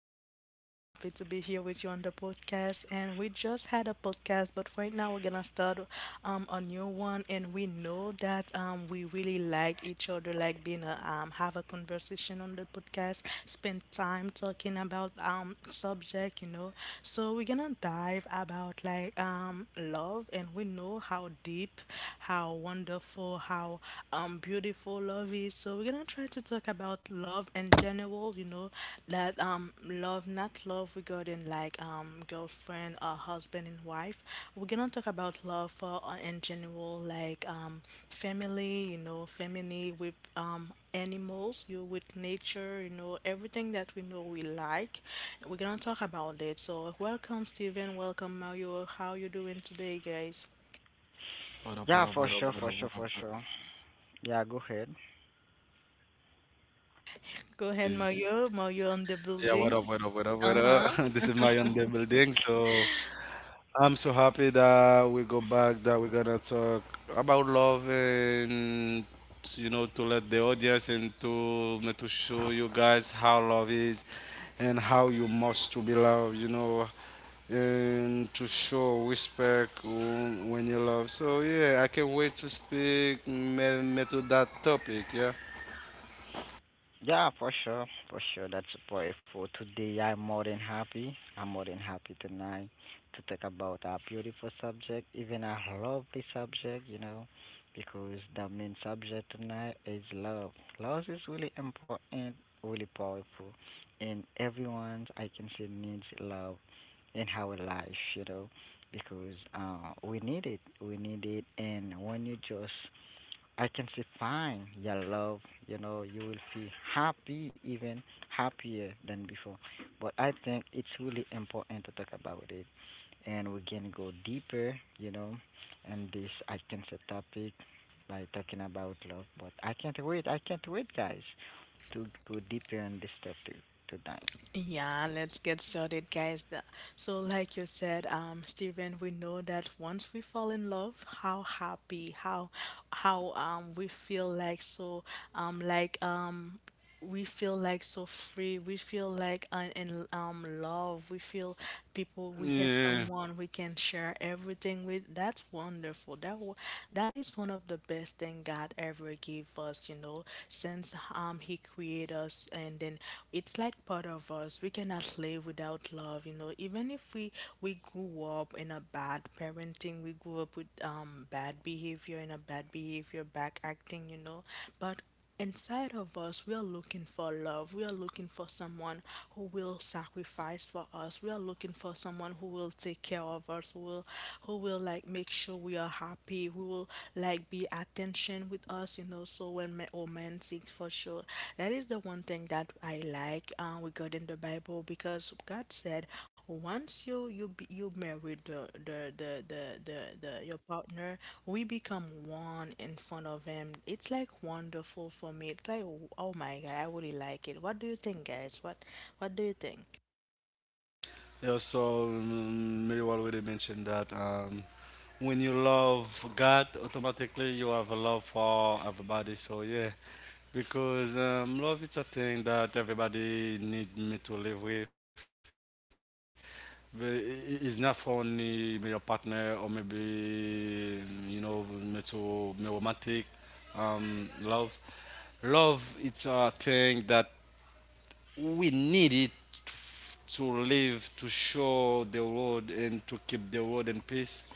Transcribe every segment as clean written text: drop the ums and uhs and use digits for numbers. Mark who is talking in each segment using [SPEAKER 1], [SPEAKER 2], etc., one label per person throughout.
[SPEAKER 1] everyone. I'm so happy to be here with you on the podcast. And we just had a podcast, but right now we're gonna start a new one. And we know that we really like each other, like being a have a conversation on the podcast, spend time talking about subject, you know. So we're gonna dive about like love, and we know how deep, how wonderful, how beautiful lovey. So we're gonna try to talk about love in general, you know, that love, not love regarding like girlfriend or husband and wife. We're gonna talk about love for in general, like family, you know, family with animals, you with nature, you know, everything that we know we like. We're gonna talk about it. So welcome, Steven, welcome, Mario. How you doing today, guys?
[SPEAKER 2] What up, what up,
[SPEAKER 3] Yeah,
[SPEAKER 2] what
[SPEAKER 3] for
[SPEAKER 2] up, what
[SPEAKER 3] sure,
[SPEAKER 2] up,
[SPEAKER 3] for
[SPEAKER 2] what
[SPEAKER 3] sure,
[SPEAKER 2] up?
[SPEAKER 3] for
[SPEAKER 2] What
[SPEAKER 3] sure. Yeah, go ahead.
[SPEAKER 1] Go ahead,
[SPEAKER 2] Is
[SPEAKER 1] Mario. Mario on the
[SPEAKER 2] yeah, what up, what
[SPEAKER 1] building.
[SPEAKER 2] up, what up, what up?
[SPEAKER 1] Uh-huh.
[SPEAKER 2] Down the building. I'm so happy that we go back, that we're gonna talk about love and you know to let the audience and to show you guys how love is and how you must to be loved, you know, and to show respect when you love. So yeah, I can't wait to speak me to that topic, yeah.
[SPEAKER 3] Yeah, for sure, for sure. That's a point for today. I'm more than happy. I'm more than happy tonight to talk about a beautiful subject, even a lovely subject, you know, because the main subject tonight is love. Love is really important, really powerful, and everyone I can say needs love in our life, you know, because we need it. We need it, and when you just I can say, fine your love. You know, you will feel happy, even happier than before. But I think it's really important to talk about it, and we can go deeper. You know, and this I can say topic by talking about love. But I can't wait. I can't wait, guys, to go deeper on this topic tonight.
[SPEAKER 1] Yeah, let's get started, guys. So, like you said, Steven, we know that once we fall in love, how happy, how we feel like so, um, like um, we feel like so free, we feel like in love, we feel people, we have
[SPEAKER 2] Yeah.
[SPEAKER 1] someone we can share everything with. That's wonderful. That is one of the best thing God ever gave us, you know, since he created us. And then it's like part of us. We cannot live without love, you know, even if we grew up in a bad parenting, we grew up with bad behavior and a bad behavior back acting, you know, but inside of us, we are looking for love. We are looking for someone who will sacrifice for us. We are looking for someone who will take care of us, who will like make sure we are happy, who will like be attention with us, you know. So when men or men seek for sure, that is the one thing that I like, regarding the Bible, because God said once you be, you married the your partner, we become one in front of him. It's like wonderful for me. It's like, oh my God, I really like it. What do you think, guys? What do you think?
[SPEAKER 2] Yeah, so you already mentioned that when you love God, automatically you have a love for everybody. So yeah, because love is a thing that everybody need me to live with. But it's not for only me your partner or maybe you know me to me romantic love. Love it's a thing that we need it to live, to show the world, and to keep the world in peace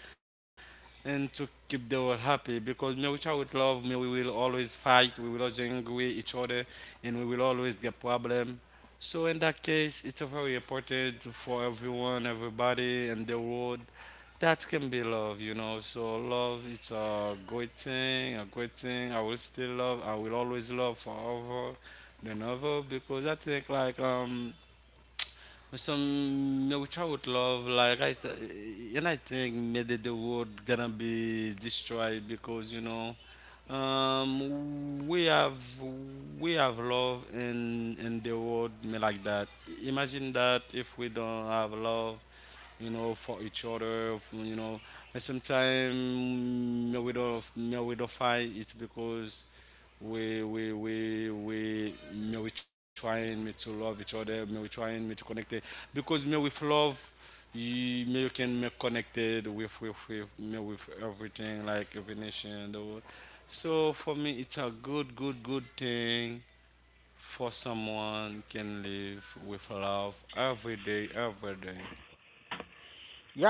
[SPEAKER 2] and to keep the world happy because me with would love me we will always fight, we will always angry each other, and we will always get problem. So in that case it's a very important for everyone, everybody, and the world that can be love, you know. So love it's a great thing, a great thing. I will still love, I will always love forever than ever because I think like some me which I would love, like and I think maybe the world gonna be destroyed because you know, um, we have we have love in the world me like that. Imagine that if we don't have love, you know, for each other, you know, and sometimes me we don't fight. It's because we me we trying me to love each other, me we trying me to connect it. Because me with love you me you can make connected with with me with everything, like every nation in the world. So for me it's a good, good, good thing for someone can live with love every day, every day.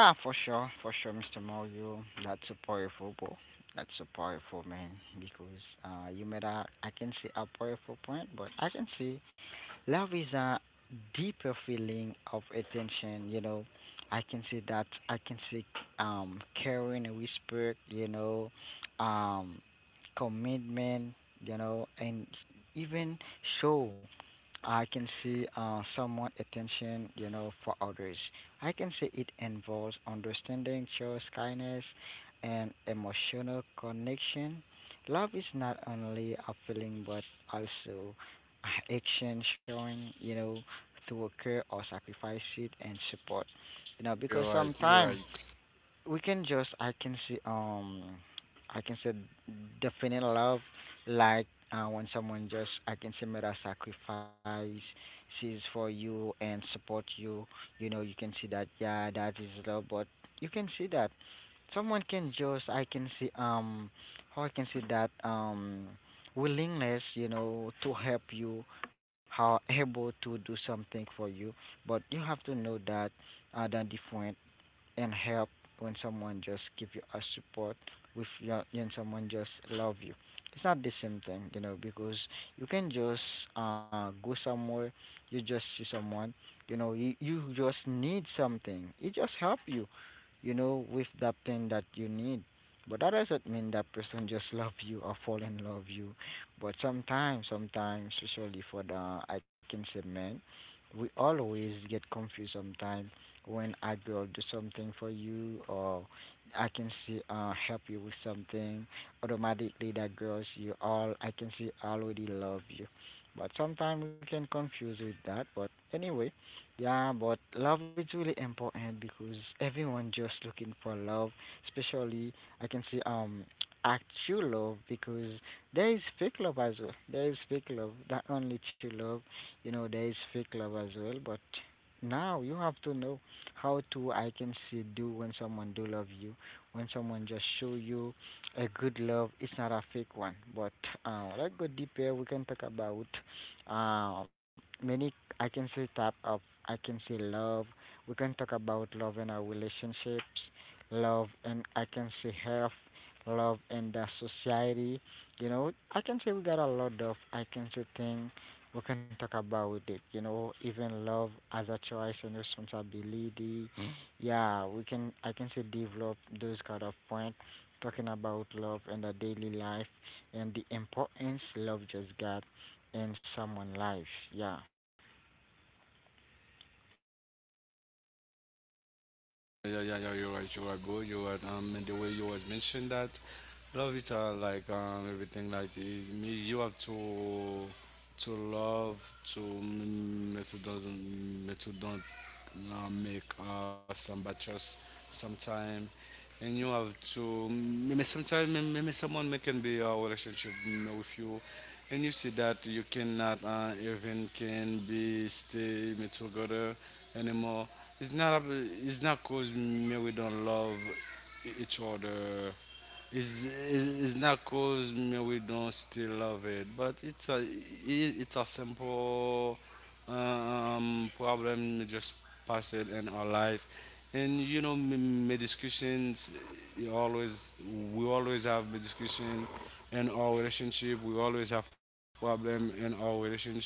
[SPEAKER 3] Yeah, for sure, Mr. Mario. That's so powerful, bro. That's so powerful, man. Because you made a, I can see a powerful point, but I can see love is a deeper feeling of attention, you know. I can see that I can see caring and whisper, you know, um commitment, you know, and even show I can see somewhat attention, you know, for others. I can see it involves understanding, choice, kindness, and emotional connection. Love is not only a feeling but also action showing, you know, to occur or sacrifice it and support. You know,
[SPEAKER 2] You're
[SPEAKER 3] because
[SPEAKER 2] right, you're right.
[SPEAKER 3] sometimes, we can just I can see I can say definite love like when someone just I can say made a sacrifice sees for you and support you, you know, you can see that, yeah, that is love. But you can see that someone can just I can see how I can see that willingness, you know, to help you, how able to do something for you. But you have to know that the different and help when someone just give you a support with your, when someone just love you, it's not the same thing, you know, because you can just go somewhere, you just see someone, you know, you just need something, it just help you, you know, with that thing that you need, but that doesn't mean that person just love you or fall in love you. But sometimes especially for the I can say men, we always get confused sometimes. When I go do something for you or I can see help you with something, automatically that girls you all I can see already love you. But sometimes we can confuse with that. But anyway, yeah, but love is really important because everyone just looking for love, especially I can see actual love, because there is fake love as well. There is fake love, that only true love, you know, there is fake love as well. But now you have to know how to I can see do when someone do love you, when someone just show you a good love. It's not a fake one, but let's go deeper. We can talk about uh, many. I can say type of. I can say love. We can talk about love in our relationships, love, and I can say health, love, and the society. You know, I can say we got a lot of. I can say thing we can talk about with it, you know, even love as a choice and responsibility. Mm. Yeah, we can I can say develop those kind of point talking about love and the daily life and the importance love just got in someone life. Yeah.
[SPEAKER 2] Yeah, yeah, yeah, you're right, bro. You're right. And the way you was mentioned that, love it, like everything like this. Me, you have to love, to mm, me to don't, mm, to don't make some batches sometime. And you have to maybe sometime maybe someone may can be a relationship mm, with you and you see that you cannot even can be stay me together anymore. It's not it's not cause me we don't love each other, it's not cause me we don't still love it, but it's a simple problem we just pass it in our life, and you know, me my discussions. You always we always have me discussion in our relationship. We always have problem in our relationship.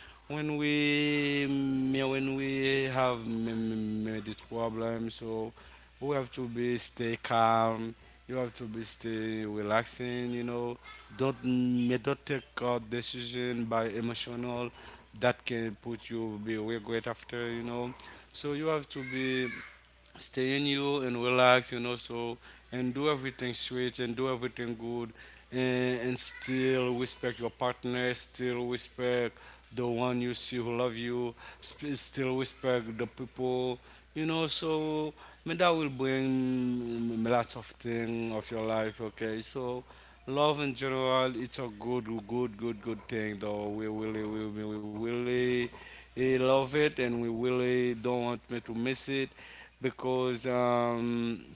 [SPEAKER 2] When we me when we have me this problem, so we have to be stay calm. You have to be stay relaxing. You know, don't take a decision by emotional that can put you be regret after. You know, so you have to be stay in you and relax, you know, so and do everything sweet and do everything good and still respect your partner, still respect the one you see who love you, still respect the people, you know, so I mean, that will bring mm, lots of thing of your life, okay? So love in general, it's a good thing though. We really, we really eh, love it, and we really don't want me to miss it because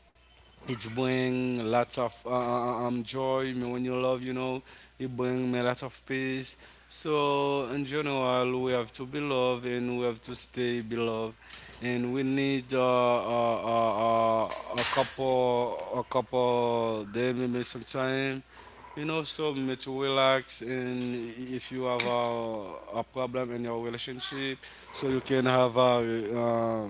[SPEAKER 2] it bring lots of joy. Me when you love, you know, it bring me lots of peace. So in general, we have to be loved and we have to stay beloved. And we need a couple, them maybe sometime and also mm, to relax. And if you have a problem in your relationship, so you can have a uh,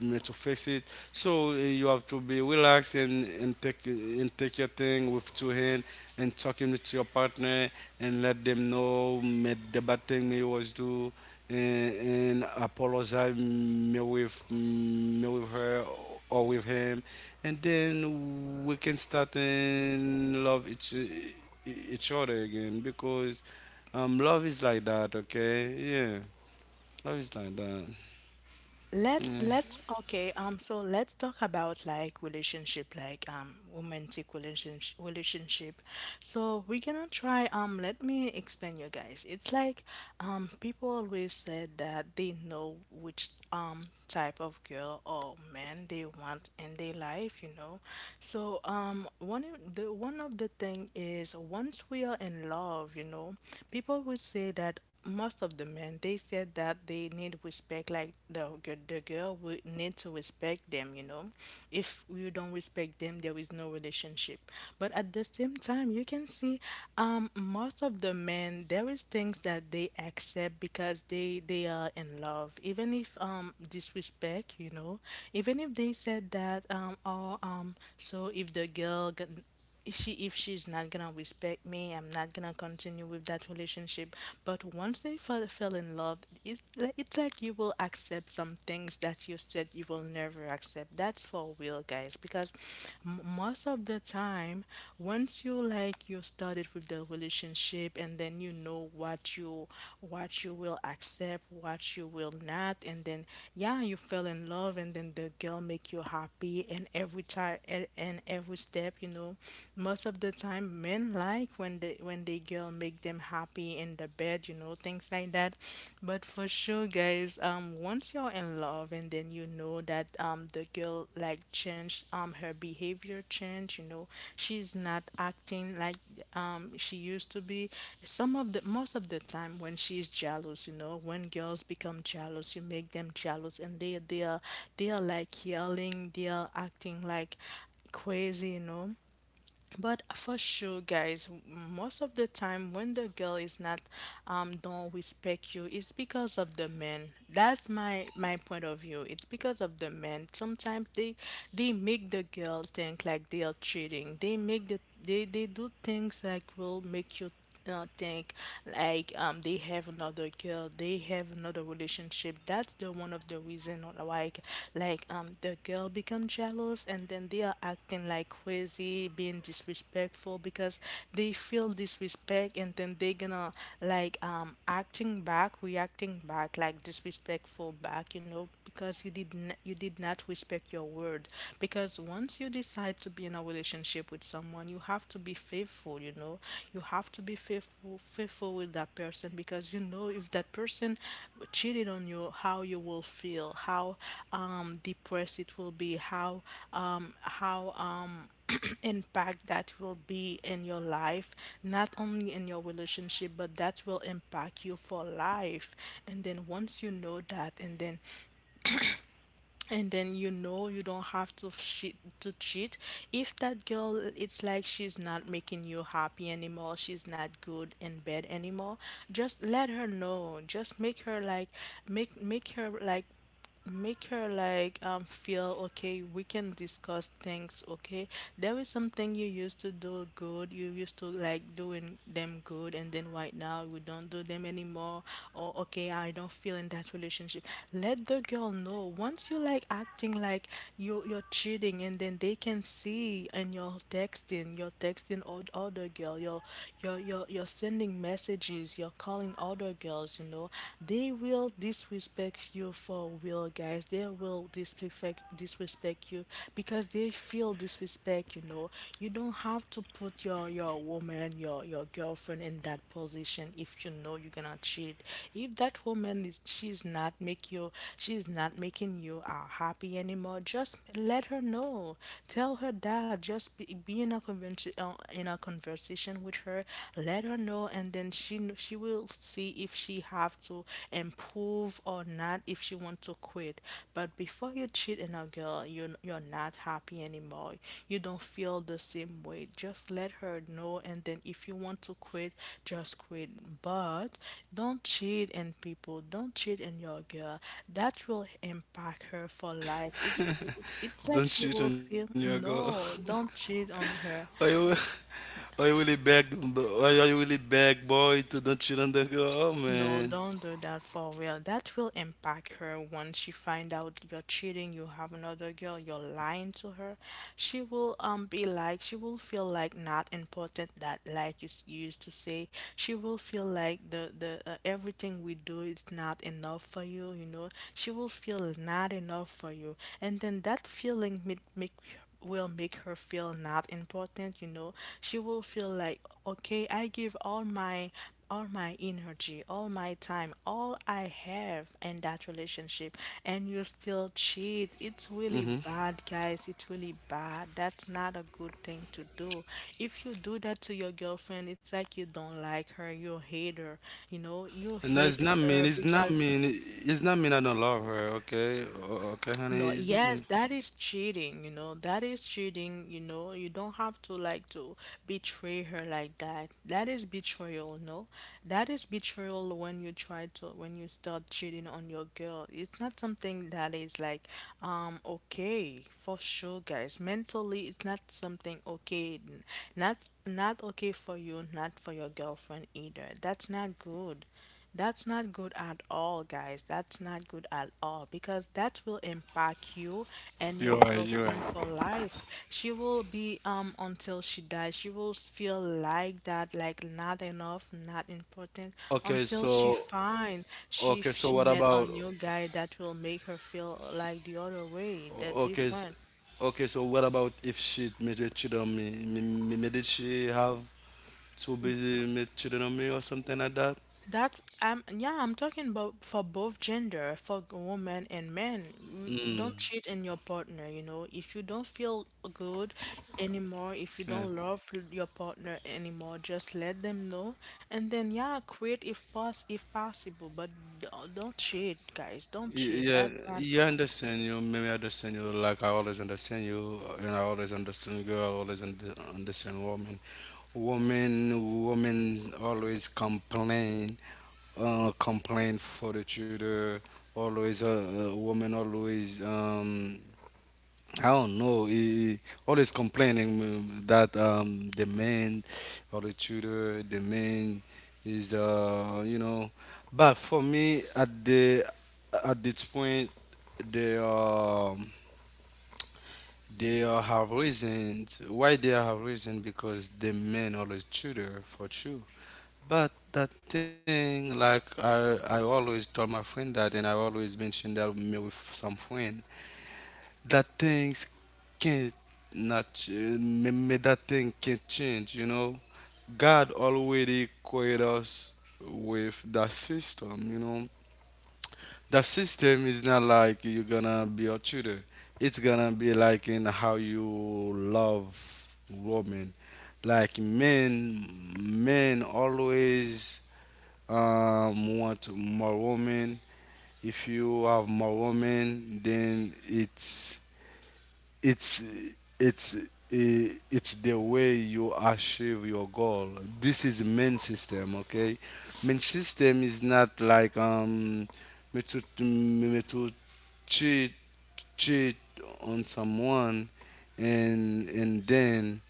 [SPEAKER 2] mm, to fix it. So you have to be relaxed and take your thing with two hands and talking with your partner and let them know mm, the bad thing me was do and apologize me with her or with him, and then we can start and love each other again because love is like that. Okay, yeah, love is like that.
[SPEAKER 1] Let
[SPEAKER 2] Yeah,
[SPEAKER 1] let's okay, so let's talk about like relationship, like romantic relationship. So we're gonna try, let me explain you guys. It's like people always said that they know which type of girl or man they want in their life, you know. So one of the thing is once we are in love, you know, people would say that most of the men, they said that they need respect, like the girl would need to respect them. You know, if you don't respect them, there is no relationship. But at the same time, you can see, most of the men, there is things that they accept because they are in love, even if disrespect. You know, even if they said that or so if if she's not gonna respect me, I'm not gonna continue with that relationship. But once they fell in love, it's like you will accept some things that you said you will never accept. That's for real, guys, because most of the time, once you like you started with the relationship, and then you know what you, what you will accept, what you will not, and then yeah, you fell in love, and then the girl make you happy. And every time, and every step, you know, most of the time men like when the girl make them happy in the bed, you know, things like that. But for sure, guys, once you're in love, and then you know that the girl like changed her behavior change, you know, she's not acting like she used to be. Some of the Most of the time when she's jealous, you know, when girls become jealous, you make them jealous, and they are, they are like yelling, they are acting like crazy, you know. But for sure, guys, most of the time when the girl is not don't respect you, it's because of the men. That's my point of view. It's because of the men. Sometimes they make the girl think like they are cheating. They make they do things like will make you think like they have another girl, they have another relationship. That's the one of the reason. Or like the girl become jealous, and then they are acting like crazy, being disrespectful, because they feel disrespect, and then they gonna like acting back, reacting back like disrespectful back, you know, because you you did not respect your word. Because once you decide to be in a relationship with someone, you have to be faithful, you know. You have to be faithful with that person, because you know, if that person cheated on you, how you will feel, how depressed it will be, how um how um impact that will be in your life, not only in your relationship, but that will impact you for life. And then once you know that, and then you know, you don't have to cheat. If that girl, it's like she's not making you happy anymore, she's not good in bed anymore, just let her know. Just make her like, make her like, make her like feel, okay, we can discuss things. Okay, there is something you used to do good, you used to like doing them good, and then right now we don't do them anymore. Or okay, I don't feel in that relationship. Let the girl know. Once you like acting like you're cheating, and then they can see, and you're texting, you're texting all other girl, you're sending messages, you're calling other girls, you know. They will disrespect you for real, guys. They will disrespect you because they feel disrespect, you know. You don't have to put your woman, your girlfriend in that position if you know you're gonna cheat. If that woman is she's not making you happy anymore, just let her know. Tell her that. Just be in a convention in a conversation with her. Let her know, and then she will see if she have to improve or not, if she want to quit. But before you cheat on a girl, you, you're not happy anymore, you don't feel the same way, just let her know. And then if you want to quit, just quit. But don't cheat in people, don't cheat in your girl. That will impact her for life. It's like
[SPEAKER 2] don't
[SPEAKER 3] Mhm.
[SPEAKER 1] she
[SPEAKER 2] cheat
[SPEAKER 1] will
[SPEAKER 2] on your
[SPEAKER 1] feel,
[SPEAKER 3] That's
[SPEAKER 2] girl.
[SPEAKER 3] so
[SPEAKER 1] no, don't
[SPEAKER 3] powerful.
[SPEAKER 1] cheat on
[SPEAKER 2] Are
[SPEAKER 1] her.
[SPEAKER 2] you are you really beg? Are you really beg boy to don't cheat on the girl? Oh
[SPEAKER 1] No,
[SPEAKER 2] man.
[SPEAKER 1] don't do that for real. That will impact her. Once she find out you're cheating, you have another girl, you're lying to her, she will be like, she will feel like not important, that like you used to say. She will feel like the everything we do is not enough for you, you know. She will feel not enough for you. And then that feeling make, will make her feel not important, you know. She will feel like, okay, I give all my, all my energy, all my time, all I have in that relationship, and you still cheat.
[SPEAKER 2] Mhm.
[SPEAKER 1] It's really bad, guys. It's really bad. That's not a good thing to do. If you do that to your girlfriend, it's like you don't like her, you hate her. You know, you
[SPEAKER 2] No, it's not
[SPEAKER 1] hate
[SPEAKER 2] mean.
[SPEAKER 1] her
[SPEAKER 2] It's not
[SPEAKER 1] because,
[SPEAKER 2] mean. It's not mean. I don't love her. Okay. Okay, honey.
[SPEAKER 1] no,
[SPEAKER 2] It's not
[SPEAKER 1] yes,
[SPEAKER 2] mean.
[SPEAKER 1] that is cheating, you know. That is cheating, you know. You don't have to like to betray her like that. That is betrayal. No, that is betrayal when you try to, when you start cheating on your girl. It's not something that is like okay. For sure, guys, mentally, it's not something okay. Not not okay for you, not for your girlfriend either. That's not good. That's not good at all, guys. That's not good at all, because that will impact you
[SPEAKER 2] You're
[SPEAKER 1] and your
[SPEAKER 2] right. You're
[SPEAKER 1] girlfriend
[SPEAKER 2] right.
[SPEAKER 1] for life. She will be until she dies, she will feel like that, like not enough, not important,
[SPEAKER 2] Okay,
[SPEAKER 1] until
[SPEAKER 2] so
[SPEAKER 1] she
[SPEAKER 2] okay, so
[SPEAKER 1] she
[SPEAKER 2] what
[SPEAKER 1] met a
[SPEAKER 2] about
[SPEAKER 1] new guy that will make her feel like the other way, the
[SPEAKER 2] okay, s-
[SPEAKER 1] different.
[SPEAKER 2] okay, so what about if she maybe cheated on me? Me did she have to be me cheated on me or something like that?
[SPEAKER 1] That's yeah, I'm talking about for both gender, for women and men. Don't
[SPEAKER 2] Mm,
[SPEAKER 1] cheat in your partner, you know. If you don't feel good anymore,
[SPEAKER 2] yeah.
[SPEAKER 1] if you don't love your partner anymore, just let them know. And then yeah, quit if possible, but don't cheat, guys. Don't
[SPEAKER 2] Y-
[SPEAKER 1] cheat.
[SPEAKER 2] Yeah,
[SPEAKER 1] That's not
[SPEAKER 2] yeah, I
[SPEAKER 1] good.
[SPEAKER 2] understand you. Maybe I understand you. Like I always understand you, and I always understand girl. Understand woman. Woman always complain, complain for the children. Always a woman. Always I don't know. He always complaining that the man or the tutor, the man is you know. But for me, at the at this point, they um they have reasons why. They have reason because the men always tutor for sure. But that thing, like I always told my friend that, and I always mentioned that me with some friend that things can't not ch- may that thing can't change, you know. God already created us with that system, you know. That system is not like you're gonna be a tutor. It's gonna be like in how you love women. Like men always want more women. If you have more women, then it's it's it's the way you achieve your goal. This is main system. Okay, main system is not like me to me me to cheat, cheat on someone, and then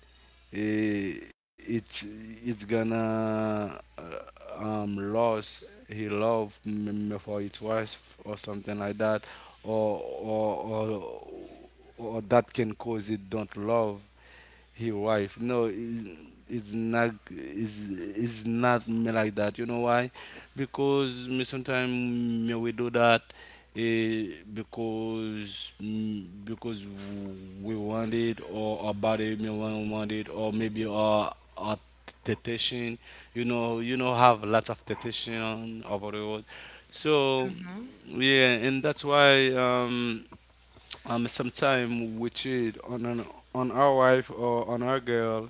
[SPEAKER 2] eh, it's it's gonna lost he love me for it wife or something like that or or that can cause it don't love his wife. No, it's not it's not me like that. You know why? Because me sometimes me we do that because because we want it, or about it may want it, or maybe our temptation, you know. You know have lots of temptation over the world. So
[SPEAKER 1] Mm-hmm.
[SPEAKER 2] yeah, and that's why sometimes we cheat on on our wife or on our girl.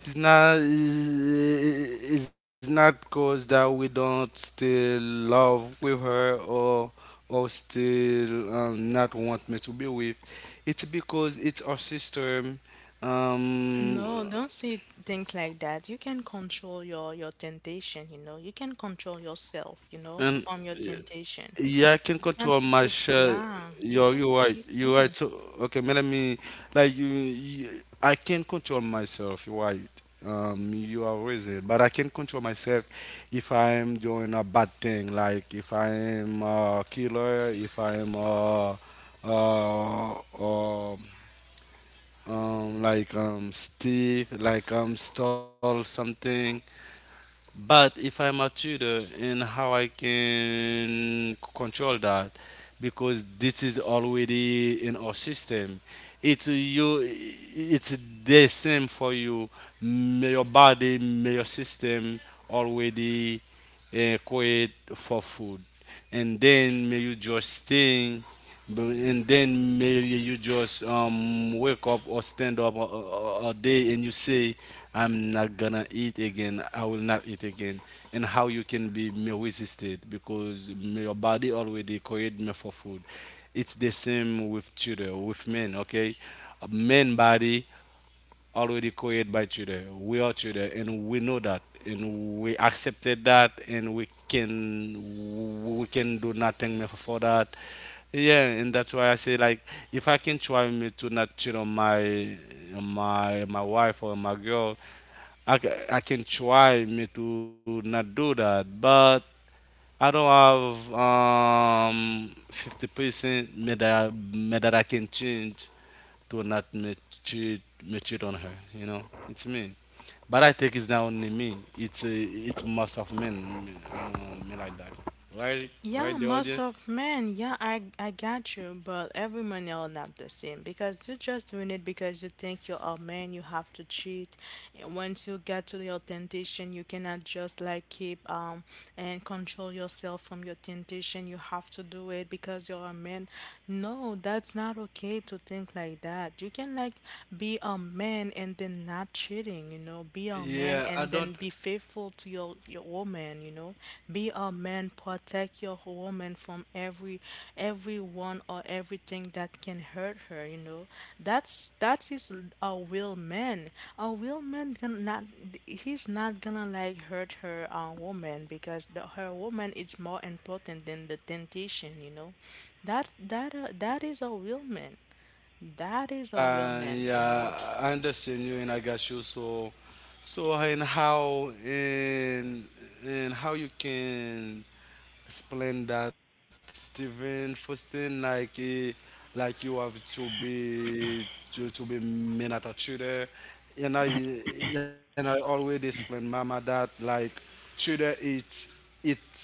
[SPEAKER 2] It's not. It's not cause that we don't still love with her or still not want me to be with. It's because it's our system, um,
[SPEAKER 1] No, don't say things like that. You can control your temptation, you know. You can control yourself, you know,
[SPEAKER 2] and
[SPEAKER 1] from your temptation.
[SPEAKER 2] yeah, I can
[SPEAKER 1] It's not
[SPEAKER 2] control my
[SPEAKER 1] supposed
[SPEAKER 2] share.
[SPEAKER 1] Yeah, you
[SPEAKER 2] Yo,
[SPEAKER 1] can
[SPEAKER 2] you're right.
[SPEAKER 1] you
[SPEAKER 2] You're right.
[SPEAKER 1] can.
[SPEAKER 2] So, okay, man, let me like you. I can control myself. You're right. You are reason, but I can control myself if I am doing a bad thing, like if I am a killer, if I am uh, uh, like Steve, like stole something. But if I am a tutor, and how I can control that, because this is already in our system. It's you. It's the same for you. May your body, may your system already create for food. And then may you just stay and then maybe you just wake up or stand up a day and you say I'm not gonna eat again, I will not eat again. And how you can be may resisted because may your body already create me for food. It's the same with children with men. Okay, a man body already created by children. We are children, and we know that, and we accepted that, and we can do nothing more for that. Yeah, and that's why I say like if I can try me to not cheat on my my wife or my girl, I can try me to not do that, but I don't have 50% me that I can change to not mature on her. You know, it's me. But I think it's not only me. It's most of men, me like that. Right,
[SPEAKER 1] Yeah,
[SPEAKER 2] right, the
[SPEAKER 1] most
[SPEAKER 2] audience.
[SPEAKER 1] of men, yeah, I got you, but every man are not the same because you're just doing it because you think you're a man, you have to cheat. And once you get to your temptation, you cannot just like keep and control yourself from your temptation. You have to do it because you're a man. No, that's not okay to think like that. You can like be a man and then not cheating, you know, be a man
[SPEAKER 2] Yeah, I
[SPEAKER 1] and then
[SPEAKER 2] don't.
[SPEAKER 1] be faithful to your woman, you know, be a man, protect your woman from every everyone or everything that can hurt her, you know. That is a real man. A real man can not he's not gonna like hurt her woman because her woman is more important than the temptation, you know. That is a real man. That is a real man, you
[SPEAKER 2] Yeah,
[SPEAKER 1] know.
[SPEAKER 2] I understand you, and I got you. So, so and how and and how you can explain that, Stephen? First thing, like like you have to be to be men at a tutor, and I always explain Mama that like tutor it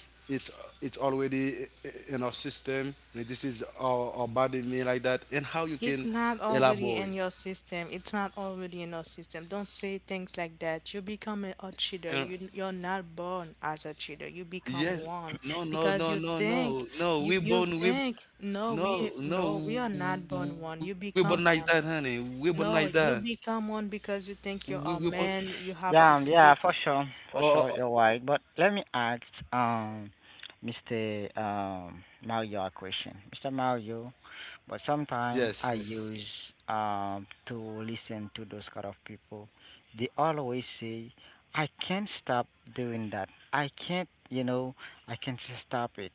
[SPEAKER 2] it it's already in our system. This is our body mean like that, and how you
[SPEAKER 1] It's
[SPEAKER 2] can
[SPEAKER 1] not already
[SPEAKER 2] elaborate.
[SPEAKER 1] in your system. It's not already in your system. Don't say things like that. You become a cheater.
[SPEAKER 2] And
[SPEAKER 1] You're not born as a cheater. You become
[SPEAKER 2] yes,
[SPEAKER 1] one
[SPEAKER 2] no, no,
[SPEAKER 1] because
[SPEAKER 2] no,
[SPEAKER 1] you
[SPEAKER 2] no,
[SPEAKER 1] think
[SPEAKER 2] no, no. We
[SPEAKER 1] you
[SPEAKER 2] born we
[SPEAKER 1] think, no,
[SPEAKER 2] no,
[SPEAKER 1] we no, we are
[SPEAKER 2] no. We
[SPEAKER 1] not
[SPEAKER 2] born like
[SPEAKER 1] born
[SPEAKER 2] that,
[SPEAKER 1] one. You
[SPEAKER 2] honey.
[SPEAKER 1] become
[SPEAKER 2] We born
[SPEAKER 1] one.
[SPEAKER 2] like that.
[SPEAKER 1] No, you become one
[SPEAKER 2] We
[SPEAKER 1] because you
[SPEAKER 2] born.
[SPEAKER 1] think you're a man. You have to
[SPEAKER 3] Yeah, yeah,
[SPEAKER 1] cheat.
[SPEAKER 2] Oh, oh, oh.
[SPEAKER 3] for sure, you're right. But let me ask, um, Mr. Mario a question. Mr. Mario, but
[SPEAKER 2] Yes,
[SPEAKER 3] sometimes I
[SPEAKER 2] yes.
[SPEAKER 3] use to listen to those kind of people. They always say, "I can't stop doing that. I can't, you know, I can't stop it."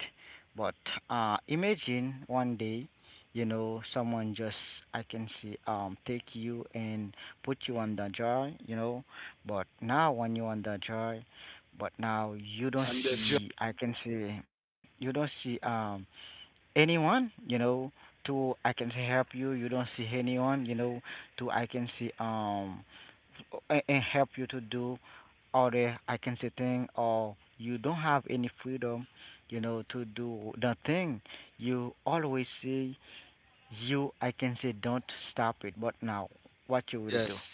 [SPEAKER 3] But imagine one day, you know, someone just I can see take you and put you on the jar, you know, but now when you want that joy, but now you don't
[SPEAKER 2] And the job,
[SPEAKER 3] see, I can say, you don't see anyone, you know, to I can say help you. You don't see anyone, you know, to I can see and help you to do other I can say thing, or you don't have any freedom, you know, to do the thing. You always say you I can say don't stop it, but now what you will do?
[SPEAKER 2] yes.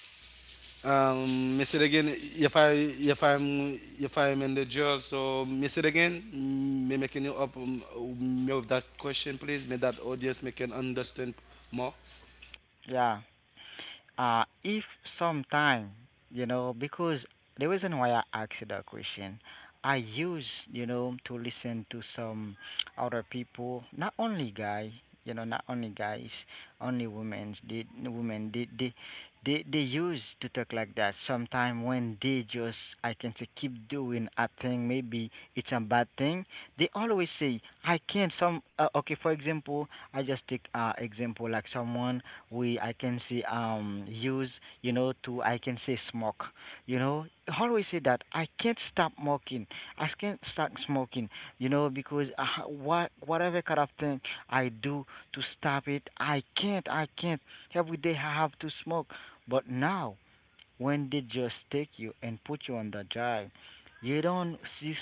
[SPEAKER 2] Miss it again. If I if I'm in the jail, so miss it again. Mm, me making you up me with that question, please. May that audience may can understand more.
[SPEAKER 3] Yeah. If sometime, you know, because the reason why I asked you that question, I use, you know, to listen to some other people, not only guy, you know, not only guys, only women, they, women, they use to talk like that. Sometime when they just, I can say, keep doing a thing, maybe it's a bad thing, they always say I can't some okay, for example I just take example like someone we I can say use, you know, to I can say smoke, you know, always say that I can't stop smoking, I can't stop smoking, you know, because whatever kind of thing I do to stop it I can't, I can't, every day I have to smoke. But now when they just take you and put you on the job, you don't see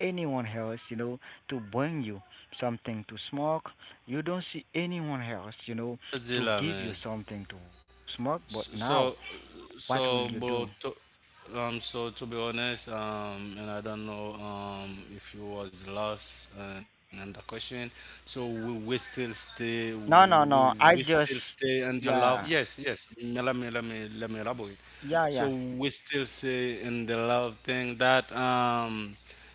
[SPEAKER 3] anyone else, you know, to bring you something to smoke. You don't see anyone else, you know, to
[SPEAKER 2] Godzilla,
[SPEAKER 3] give you
[SPEAKER 2] man.
[SPEAKER 3] something to to smoke.
[SPEAKER 2] S-
[SPEAKER 3] But
[SPEAKER 2] So
[SPEAKER 3] now, what
[SPEAKER 2] So,
[SPEAKER 3] will you
[SPEAKER 2] bro,
[SPEAKER 3] do?
[SPEAKER 2] to, um, so to be honest, and I don't know, if you was lost and the question. So we, we still stay,
[SPEAKER 3] No,
[SPEAKER 2] we,
[SPEAKER 3] no, no.
[SPEAKER 2] we
[SPEAKER 3] I
[SPEAKER 2] still
[SPEAKER 3] just,
[SPEAKER 2] stay in the love.
[SPEAKER 3] yeah,
[SPEAKER 2] Yes, yes. Let me let me elaborate.
[SPEAKER 3] yeah,
[SPEAKER 2] So
[SPEAKER 3] yeah.
[SPEAKER 2] we still stay in the love thing that,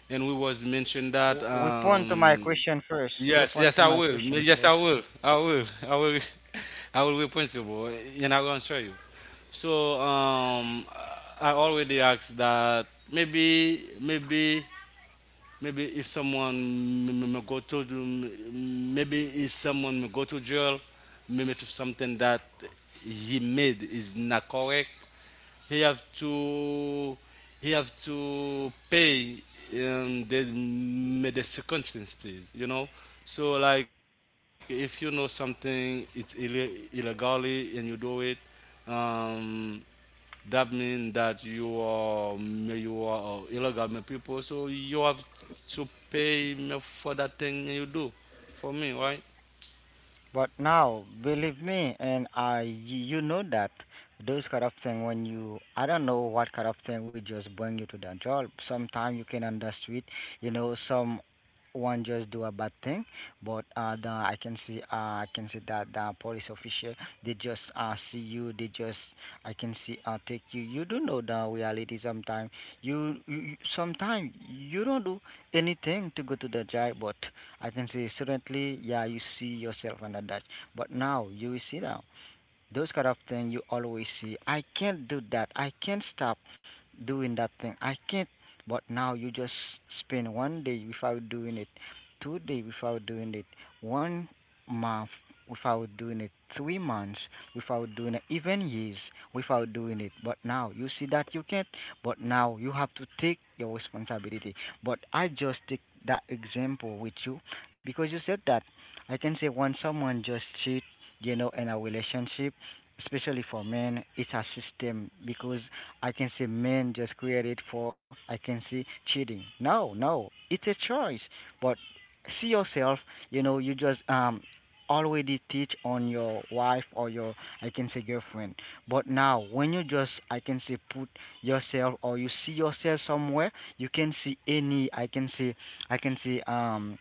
[SPEAKER 2] and we was mentioned that,
[SPEAKER 3] Respond to my question first.
[SPEAKER 2] Yes, yes,
[SPEAKER 3] Respond
[SPEAKER 2] I
[SPEAKER 3] to my
[SPEAKER 2] will.
[SPEAKER 3] question
[SPEAKER 2] Yes, I
[SPEAKER 3] first.
[SPEAKER 2] will. I will. I will. I will be principal, and I will answer you. So, I already asked that maybe maybe if someone maybe if someone may go to jail, maybe to something that he made is not correct, he have to he have to pay the the circumstances, you know. So like if you know something it's illegally and you do it, um, that means that you are illegal people, so you have to pay me for that thing you do for me, right?
[SPEAKER 3] But now, believe me, and I, you know that those kind of thing when you, I don't know what kind of thing we just bring you to the job. Sometimes you can understand, you know, some one just do a bad thing, but the, I can see that the police official they just see you, they just, I can see take you. You do know the reality sometimes. You sometimes you don't do anything to go to the job, but I can say certainly, yeah, you see yourself under that. But now you will see now. Those kind of thing you always see. I can't do that. I can't stop doing that thing. I can't. But now you just spend one day without doing it, two-day without doing it, 1 month without doing it, 3 months without doing it, even years without doing it. But now you see that you can't. But now you have to take your responsibility. But I just take that example with you because you said that I can say when someone just cheat, you know, in a relationship, especially for men, it's a system because I can say men just created for I can see cheating. No, no, it's a choice. But see yourself, you know, you just already teach on your wife or your I can say girlfriend. But now when you just I can say put yourself or you see yourself somewhere, you can see any I can say I can say um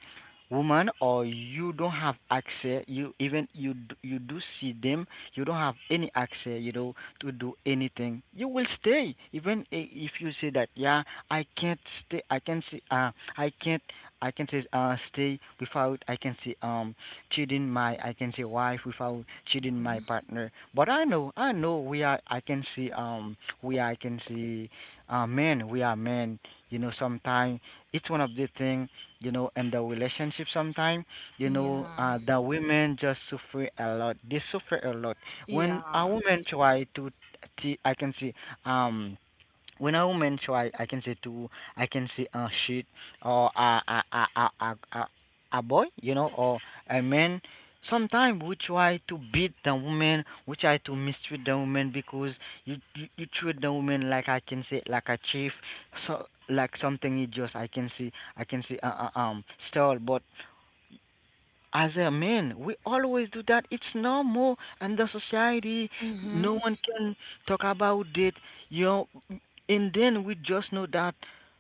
[SPEAKER 3] woman, or you don't have access, you even you do see them, you don't have any access, you know, to do anything, you will stay. Even if you say that, yeah, I can't stay, I can see, I can't, I can say, stay without, I can say, cheating my, I can say, wife, without cheating my
[SPEAKER 1] Mhm.
[SPEAKER 3] partner. But I know we are, I can see, we are, I can see, men, we are men. You know, sometimes it's one of the thing, you know, in the relationship. Sometimes, you know,
[SPEAKER 1] Yeah.
[SPEAKER 3] the women just suffer a lot. They suffer a lot. When a
[SPEAKER 1] Yeah.
[SPEAKER 3] woman try to, I can see, um, when a woman try, I can say to, I can say a shit or a a a a, a a boy, you know, or a man. Sometimes we try to beat the woman, we try to mistreat the woman because you treat the woman like I can say like a chief, so like something you just I can see stole, but as a man, we always do that. It's normal and the society.
[SPEAKER 1] Mm-hmm.
[SPEAKER 3] No one can talk about it. You know, and then we just know that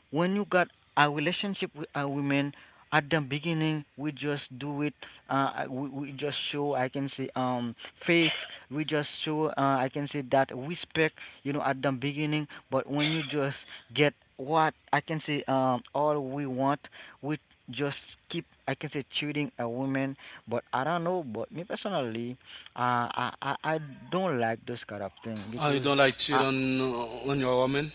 [SPEAKER 3] when you got a relationship with a woman, at the beginning we just do it. We just show I can say faith. We just show I can say that respect. You know, at the beginning. But when you just get what I can say all we want, we just keep I can say cheating a woman, but I don't know. But me personally, I don't like those kind of thing
[SPEAKER 2] Oh, you
[SPEAKER 3] because
[SPEAKER 2] don't like cheat
[SPEAKER 3] I
[SPEAKER 2] on your woman?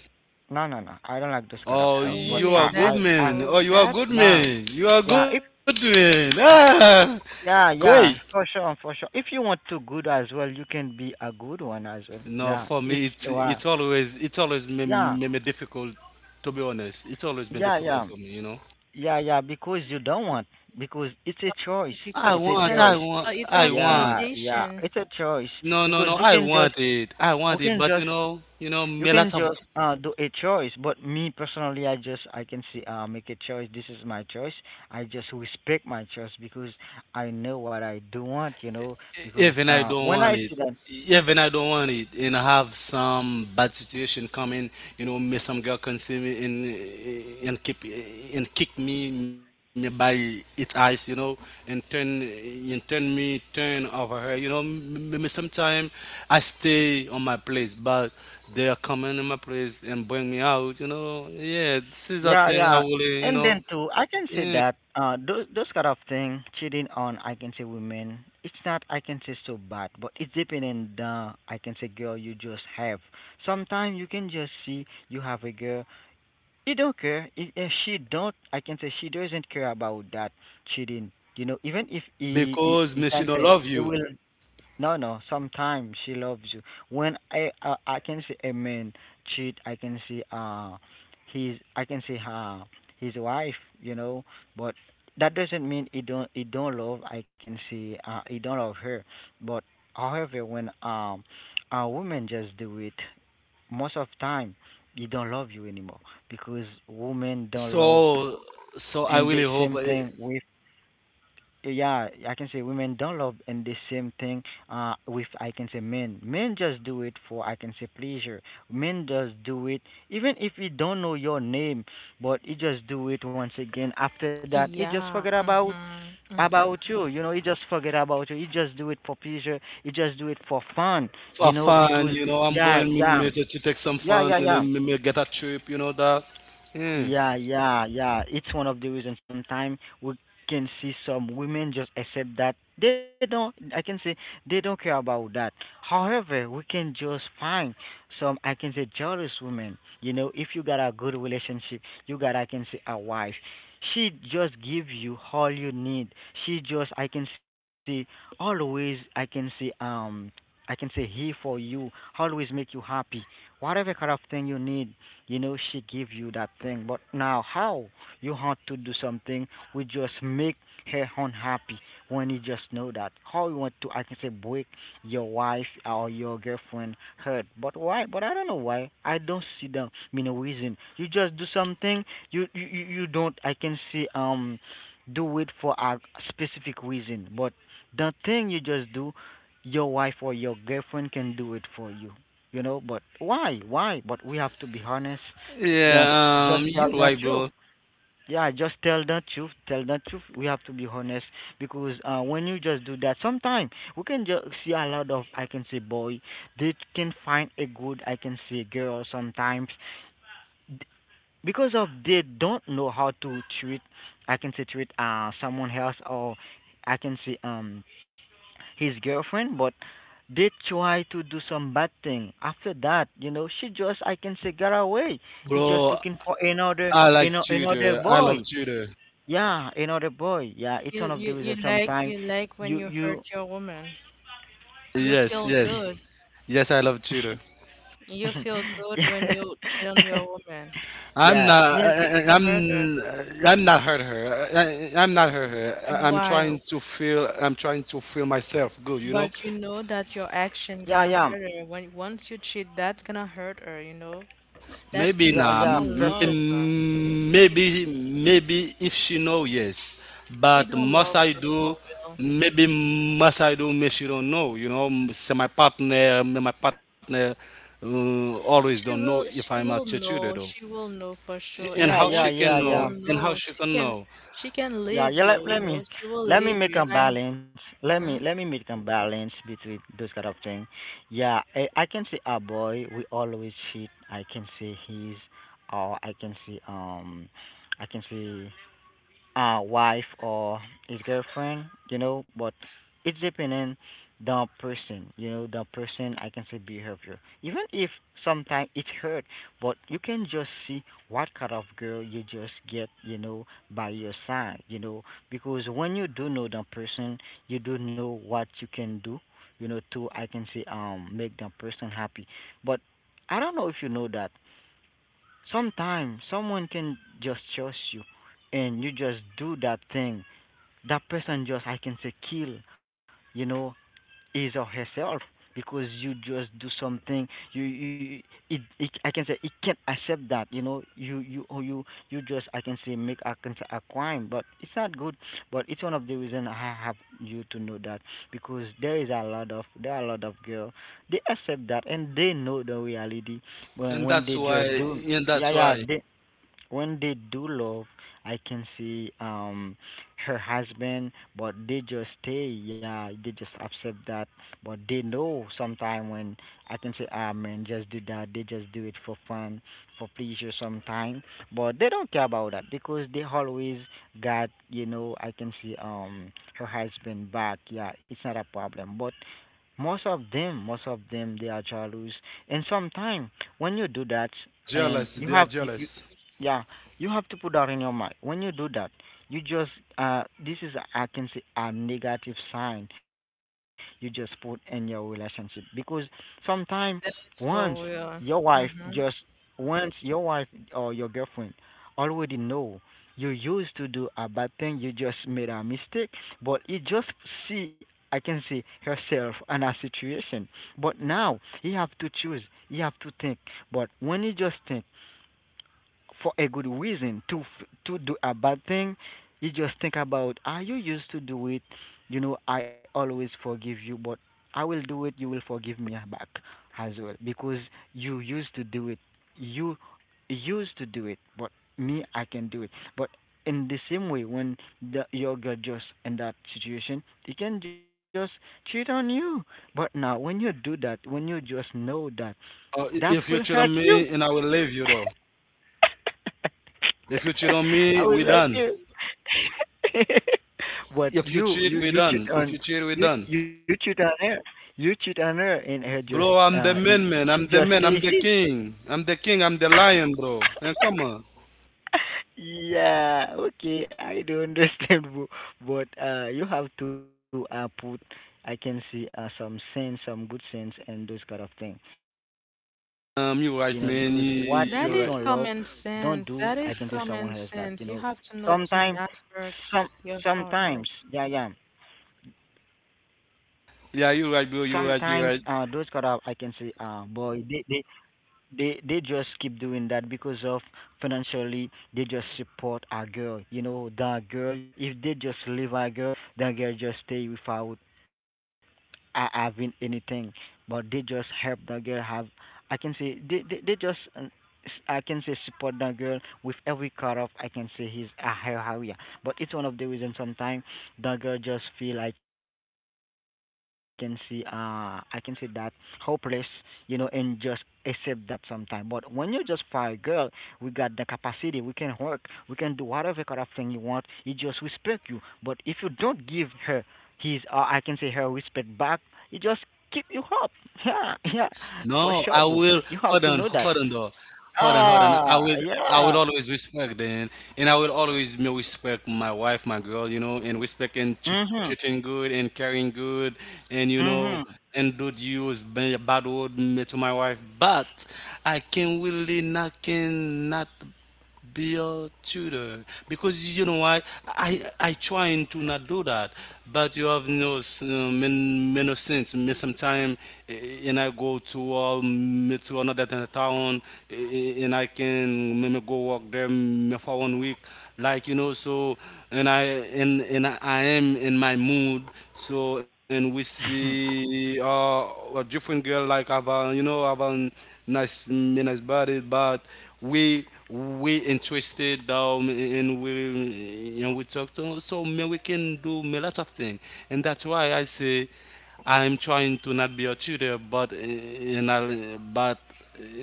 [SPEAKER 3] no, I don't like those kind of
[SPEAKER 2] Oh,
[SPEAKER 3] thing. But
[SPEAKER 2] you
[SPEAKER 1] Really,
[SPEAKER 2] are
[SPEAKER 3] I I
[SPEAKER 2] good
[SPEAKER 1] that's
[SPEAKER 3] I
[SPEAKER 2] man. Oh,
[SPEAKER 1] good.
[SPEAKER 2] you are
[SPEAKER 1] That's
[SPEAKER 2] good
[SPEAKER 3] nah.
[SPEAKER 1] good.
[SPEAKER 2] man. You are
[SPEAKER 3] Yeah, if
[SPEAKER 2] good man. Ah,
[SPEAKER 3] yeah, yeah,
[SPEAKER 2] great.
[SPEAKER 3] for sure, for sure, if you want to good as well you can be a good one as well. Yeah,
[SPEAKER 2] No, for
[SPEAKER 3] it's
[SPEAKER 2] me,
[SPEAKER 3] wow,
[SPEAKER 2] it's always it's always
[SPEAKER 3] yeah,
[SPEAKER 2] been, been difficult. To be honest, it's always
[SPEAKER 3] yeah,
[SPEAKER 2] been
[SPEAKER 3] yeah,
[SPEAKER 2] difficult for me. You know.
[SPEAKER 3] yeah, yeah, because you don't want, because it's a choice,
[SPEAKER 1] Difficult
[SPEAKER 3] it's a
[SPEAKER 1] because
[SPEAKER 3] choice.
[SPEAKER 1] it's a
[SPEAKER 2] I want,
[SPEAKER 3] Yeah, yeah,
[SPEAKER 1] temptation.
[SPEAKER 3] it's a choice
[SPEAKER 2] No, no,
[SPEAKER 3] because
[SPEAKER 2] no. I want it. I
[SPEAKER 3] You
[SPEAKER 2] want it.
[SPEAKER 3] can
[SPEAKER 2] But you
[SPEAKER 3] just
[SPEAKER 2] know,
[SPEAKER 3] you
[SPEAKER 2] me
[SPEAKER 3] can
[SPEAKER 2] lots of
[SPEAKER 3] just do a choice, but me personally, I just I can see make a choice. This is my choice. I just respect my choice because I know what I do want, you know. Because
[SPEAKER 2] even I don't
[SPEAKER 3] when I
[SPEAKER 2] want it.
[SPEAKER 3] see that,
[SPEAKER 2] Even I don't want it, and I have some bad situation coming. You know, me some girl can see me and keep and kick me, me by its eyes. You know, and turn me turn over her. You know, me sometime I stay on my place, but they are coming in my place and bring me out. You know, yeah, this is a
[SPEAKER 3] yeah,
[SPEAKER 2] thing I
[SPEAKER 3] yeah,
[SPEAKER 2] will. You
[SPEAKER 3] and
[SPEAKER 2] know,
[SPEAKER 3] then too, I can say that those kind of thing cheating on I can say women, it's not I can say so bad, but it's depending on the I can say girl you just have. Sometimes you can just see you have a girl. She don't care. If she don't, I can say she doesn't care about that cheating. You know, even if he
[SPEAKER 2] because
[SPEAKER 3] can
[SPEAKER 2] Messi don't
[SPEAKER 3] say
[SPEAKER 2] love
[SPEAKER 3] he
[SPEAKER 2] you.
[SPEAKER 3] will. No, no. Sometimes she loves you. When I can see a man cheat, I can see his I can see her his wife. You know, but that doesn't mean he don't love. I can see he don't love her. But however, when a woman just do it most of time they don't love you anymore because women don't love
[SPEAKER 2] So,
[SPEAKER 3] and
[SPEAKER 2] so
[SPEAKER 3] the
[SPEAKER 2] I
[SPEAKER 3] same
[SPEAKER 2] really
[SPEAKER 3] thing
[SPEAKER 2] hope
[SPEAKER 3] with
[SPEAKER 2] eh,
[SPEAKER 3] yeah, I can say women don't love, and the same thing with I can say men just do it for I can say pleasure. Men just do it even if you don't know your name, but you just do it once again. After that you just forget
[SPEAKER 1] Yeah. Mm-hmm.
[SPEAKER 3] about
[SPEAKER 1] Mm-hmm.
[SPEAKER 3] you, you know, you just forget about you. You just do it for pleasure, you just do it for fun, you
[SPEAKER 2] for
[SPEAKER 3] know, because
[SPEAKER 2] fun, you know, I'm
[SPEAKER 3] yeah,
[SPEAKER 2] going
[SPEAKER 3] yeah,
[SPEAKER 2] major to take some
[SPEAKER 3] yeah,
[SPEAKER 2] fun,
[SPEAKER 3] yeah, yeah.
[SPEAKER 2] me get a trip, you know that. Yeah,
[SPEAKER 3] Yeah, yeah, yeah. It's one of the reasons sometimes we can see some women just accept that they don't, I can say they don't care about that. However, we can just find some, I can say, jealous women. You know, if you got a good relationship, you got, I can say, a wife. She just give you all you need. She just, I can say, always, I can say, here for you, always make you happy. Whatever kind of thing you need, you know she give you that thing, but now how you have to do something, we just make her unhappy. When you just know that how you want to I can say break your wife or your girlfriend hurt, but why? But I don't know why, I don't see the, you know, reason. You just do something. You don't I can see do it for a specific reason, but the thing you just do your wife or your girlfriend can do it for you, you know. But why, why? But we have to be honest, that
[SPEAKER 2] yeah,
[SPEAKER 3] just tell
[SPEAKER 2] you're
[SPEAKER 3] the
[SPEAKER 2] right,
[SPEAKER 3] truth.
[SPEAKER 2] bro.
[SPEAKER 3] Yeah, just tell the truth, tell the truth, we have to be honest. Because when you just do that sometimes we can just see a lot of I can say boy, they can find a good I can say girl sometimes because of they don't know how to treat, I can say treat someone else, or I can say his girlfriend, but did try to do some bad thing. After that, you know, she just I can say got away. He just
[SPEAKER 2] Bro,
[SPEAKER 3] looking for another,
[SPEAKER 2] I
[SPEAKER 3] you
[SPEAKER 2] like
[SPEAKER 3] know, another
[SPEAKER 2] judo. I love
[SPEAKER 3] boy.
[SPEAKER 2] judo.
[SPEAKER 3] Yeah, another boy. Yeah, it's one of those
[SPEAKER 1] You
[SPEAKER 3] that
[SPEAKER 1] like
[SPEAKER 3] sometimes
[SPEAKER 1] when you
[SPEAKER 3] you.
[SPEAKER 1] hurt your woman. You
[SPEAKER 2] Yes,
[SPEAKER 1] feel
[SPEAKER 2] yes,
[SPEAKER 1] good.
[SPEAKER 2] yes, I love judo.
[SPEAKER 1] You feel good when
[SPEAKER 3] Yeah,
[SPEAKER 1] you cheat on your woman.
[SPEAKER 3] yeah,
[SPEAKER 1] It's okay to hurt her.
[SPEAKER 2] I'm, I'm not hurt her. I'm not hurt her.
[SPEAKER 1] And
[SPEAKER 2] I'm
[SPEAKER 1] why?
[SPEAKER 2] trying to feel, I'm trying to feel myself good, you know.
[SPEAKER 1] But you know that your action
[SPEAKER 3] yeah,
[SPEAKER 1] gonna
[SPEAKER 3] yeah,
[SPEAKER 1] hurt her. When once you cheat, that's gonna hurt her, you know? That's
[SPEAKER 2] Maybe
[SPEAKER 1] when
[SPEAKER 3] yeah,
[SPEAKER 2] nah.
[SPEAKER 1] you
[SPEAKER 3] yeah.
[SPEAKER 1] don't
[SPEAKER 3] Perfect.
[SPEAKER 1] love her. If
[SPEAKER 2] Maybe maybe if she know yes,
[SPEAKER 1] you
[SPEAKER 2] but
[SPEAKER 1] don't
[SPEAKER 2] must
[SPEAKER 1] love
[SPEAKER 2] I
[SPEAKER 1] her for
[SPEAKER 2] do?
[SPEAKER 1] real.
[SPEAKER 2] Maybe must I do? Maybe she don't know. You know, so my partner, my partner always don't know if I'm a cheater though.
[SPEAKER 1] She will know for sure.
[SPEAKER 2] And how
[SPEAKER 1] And
[SPEAKER 3] Yeah,
[SPEAKER 2] she
[SPEAKER 3] yeah,
[SPEAKER 2] can
[SPEAKER 1] once she
[SPEAKER 3] yeah,
[SPEAKER 2] know?
[SPEAKER 1] will
[SPEAKER 3] yeah.
[SPEAKER 2] And how
[SPEAKER 1] know,
[SPEAKER 2] she can know?
[SPEAKER 1] she can leave
[SPEAKER 3] Yeah, yeah.
[SPEAKER 1] you, you
[SPEAKER 3] Let
[SPEAKER 1] know,
[SPEAKER 3] me
[SPEAKER 1] she will leave you.
[SPEAKER 3] make
[SPEAKER 1] And
[SPEAKER 3] a
[SPEAKER 1] I,
[SPEAKER 3] balance. Let
[SPEAKER 1] mhm.
[SPEAKER 3] me make a balance between those kind of thing. Yeah, I can see a boy. We always cheat. I can see his, or I can see wife or his girlfriend, you know, but it's depending the person, you know, the person I can say behavior. Even if sometimes it hurt, but you can just see what kind of girl you just get, you know, by your side, you know, because when you do know the person, you do know what you can do, you know, to I can say make the person happy. But I don't know if you know that sometimes someone can just trust you and you just do that thing. That person just I can say kill, you know, is or herself because you just do something. You it I can say it can't accept that, you know, you you just I can say make I can say a crime, but it's not good, but it's one of the reason I have you to know that because there is a lot of there are a lot of girl, they accept that and they know the reality
[SPEAKER 2] And
[SPEAKER 3] when
[SPEAKER 2] that's
[SPEAKER 3] they
[SPEAKER 2] why.
[SPEAKER 3] just do,
[SPEAKER 2] And that's
[SPEAKER 3] yeah, yeah,
[SPEAKER 2] why.
[SPEAKER 3] they when they do love, I can see her husband, but they just stay. Yeah, they just accept that, but they know sometime when I can say, ah man, just do that. They just do it for fun, for pleasure sometime, but they don't care about that because they always got, you know, I can see her husband back. Yeah, it's not a problem, but most of them, they are jealous. And sometimes when you do that,
[SPEAKER 2] Jealous. They are
[SPEAKER 3] and
[SPEAKER 2] jealous.
[SPEAKER 3] you, yeah, you have to put that in your mind. When you do that, you just this is I can say a negative sign you just put in your relationship because sometimes once
[SPEAKER 1] That's for
[SPEAKER 3] your
[SPEAKER 1] real.
[SPEAKER 3] wife just
[SPEAKER 1] Hmm.
[SPEAKER 3] once your wife or your girlfriend already know you used to do a bad thing, you just made a mistake, but you just see I can say herself in a situation. But now you have to choose, you have to think. But when you just think for a good reason to to do a bad thing, you just think about ah you used to do it, you know, I always forgive you, but I will do it, you will forgive me back as well, because you used to do it, you used to do it, but me I can do it, but in the same way when the your girl just in that situation they can just cheat on you. But now when you do that, when you just know that
[SPEAKER 2] If you
[SPEAKER 3] that
[SPEAKER 2] cheat
[SPEAKER 3] will
[SPEAKER 2] on
[SPEAKER 3] hurt
[SPEAKER 2] me, and
[SPEAKER 3] you.
[SPEAKER 2] I will leave you though. If you cheat on me,
[SPEAKER 3] I will
[SPEAKER 2] we
[SPEAKER 3] let
[SPEAKER 2] done.
[SPEAKER 3] you. But
[SPEAKER 2] If you cheat, we
[SPEAKER 3] you cheat
[SPEAKER 2] done. If
[SPEAKER 3] on
[SPEAKER 2] you cheat, we done.
[SPEAKER 3] you cheat on her. You cheat on her, and her just
[SPEAKER 2] Bro, I'm the man, man.
[SPEAKER 3] she
[SPEAKER 2] I'm the
[SPEAKER 3] just
[SPEAKER 2] man.
[SPEAKER 3] stays
[SPEAKER 2] I'm the
[SPEAKER 3] here.
[SPEAKER 2] king. I'm the king. I'm the lion, bro. And come on.
[SPEAKER 3] Yeah, okay, I do understand, but you have to put, I can see some sense, some good sense, and those kind of thing, you know, because what you don't love,
[SPEAKER 2] You right, man.
[SPEAKER 3] don't
[SPEAKER 2] You,
[SPEAKER 3] do.
[SPEAKER 1] That
[SPEAKER 3] I
[SPEAKER 2] you
[SPEAKER 3] can
[SPEAKER 2] right.
[SPEAKER 1] is
[SPEAKER 3] tell someone
[SPEAKER 1] common
[SPEAKER 3] else that, you
[SPEAKER 1] sense.
[SPEAKER 3] know,
[SPEAKER 1] That is common
[SPEAKER 3] sometimes,
[SPEAKER 1] sense. You have to
[SPEAKER 3] some,
[SPEAKER 1] know to not hurt
[SPEAKER 3] sometimes, yeah,
[SPEAKER 1] your
[SPEAKER 3] yeah,
[SPEAKER 1] partner.
[SPEAKER 2] Yeah, you right,
[SPEAKER 3] sometimes
[SPEAKER 2] bro. You right.
[SPEAKER 3] those
[SPEAKER 2] You
[SPEAKER 3] kind
[SPEAKER 2] right.
[SPEAKER 3] of, I can say, boy, they they just keep doing that because of financially they just support our girl, you know, that girl. If they just leave our girl, that girl just stay without I have anything, but they just help the girl have. I can say they just I can say support the girl with every cut off. I can say his her area, but it's one of the reasons sometimes the girl just feel I can see I can say that hopeless, you know, and just accept that sometimes. But when you just fire girl, we got the capacity. We can work. We can do whatever kind of thing you want. He just respect you. But if you don't give her he's, I can say her whispered back, it just keep you up. Yeah, yeah,
[SPEAKER 2] No, I
[SPEAKER 3] for sure,
[SPEAKER 2] will.
[SPEAKER 3] boo.
[SPEAKER 2] Hold
[SPEAKER 3] You
[SPEAKER 2] on.
[SPEAKER 3] have to
[SPEAKER 2] Hold
[SPEAKER 3] know
[SPEAKER 2] on,
[SPEAKER 3] that.
[SPEAKER 2] though. Hold on. Hold on. I
[SPEAKER 3] Ah,
[SPEAKER 2] will. I will
[SPEAKER 3] yeah.
[SPEAKER 2] always respect them, and I will always me respect my wife, my girl. You know, and respect
[SPEAKER 3] Mhm,
[SPEAKER 2] and treating good and caring good, and
[SPEAKER 3] mhm.
[SPEAKER 2] you know, and don't use bad word me to my wife. But I can really not can not. Be a tutor. Because you know why I trying to not do that, but you have no men men no sense. Me sometime eh, and I go to me to another town and I can me go work there me for 1 week, like you know. So and I and I am in my mood. So and we see a different girl like have a, you know have an nice nice body but we interested and we talk to so man we can do a lot of things and that's why I say I'm trying to not be a tutor but in a, but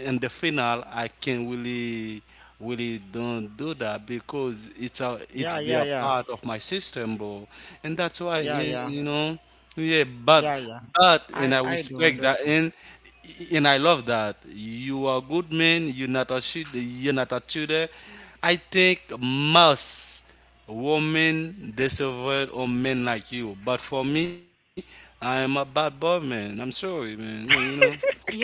[SPEAKER 2] in the final I can really really don't do that because it's a it's
[SPEAKER 3] Yeah,
[SPEAKER 2] be a
[SPEAKER 3] yeah, yeah,
[SPEAKER 2] part of my system bro and that's why
[SPEAKER 3] yeah,
[SPEAKER 2] and,
[SPEAKER 3] yeah,
[SPEAKER 2] you know yeah
[SPEAKER 3] yeah, yeah.
[SPEAKER 2] but and I
[SPEAKER 3] I do
[SPEAKER 2] respect that
[SPEAKER 3] understand.
[SPEAKER 2] and I love that. You are good man. You're not a shooter. You're not a shooter. I think most women deserve a men like you. But for me, I'm a bad boy, man. I'm sorry, man. You know,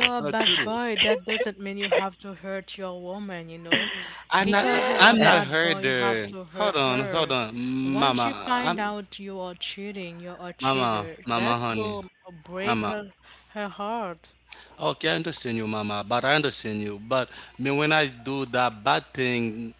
[SPEAKER 2] not a
[SPEAKER 1] a
[SPEAKER 2] shooter.
[SPEAKER 1] bad boy. That doesn't mean you have to hurt your woman, you know?
[SPEAKER 2] I'm not.
[SPEAKER 1] Because you're a
[SPEAKER 2] I'm not
[SPEAKER 1] bad boy, you have
[SPEAKER 2] herder.
[SPEAKER 1] to
[SPEAKER 2] Hold
[SPEAKER 1] hurt
[SPEAKER 2] on, hold
[SPEAKER 1] her.
[SPEAKER 2] on,
[SPEAKER 1] Once you
[SPEAKER 2] mama.
[SPEAKER 1] find
[SPEAKER 2] I'm
[SPEAKER 1] out you are cheating, you're a
[SPEAKER 2] mama,
[SPEAKER 1] cheater,
[SPEAKER 2] mama,
[SPEAKER 1] that
[SPEAKER 2] honey,
[SPEAKER 1] will break
[SPEAKER 2] mama.
[SPEAKER 1] her heart.
[SPEAKER 2] Okay, I understand you, mama, but I understand you. But me, when I do that bad thing,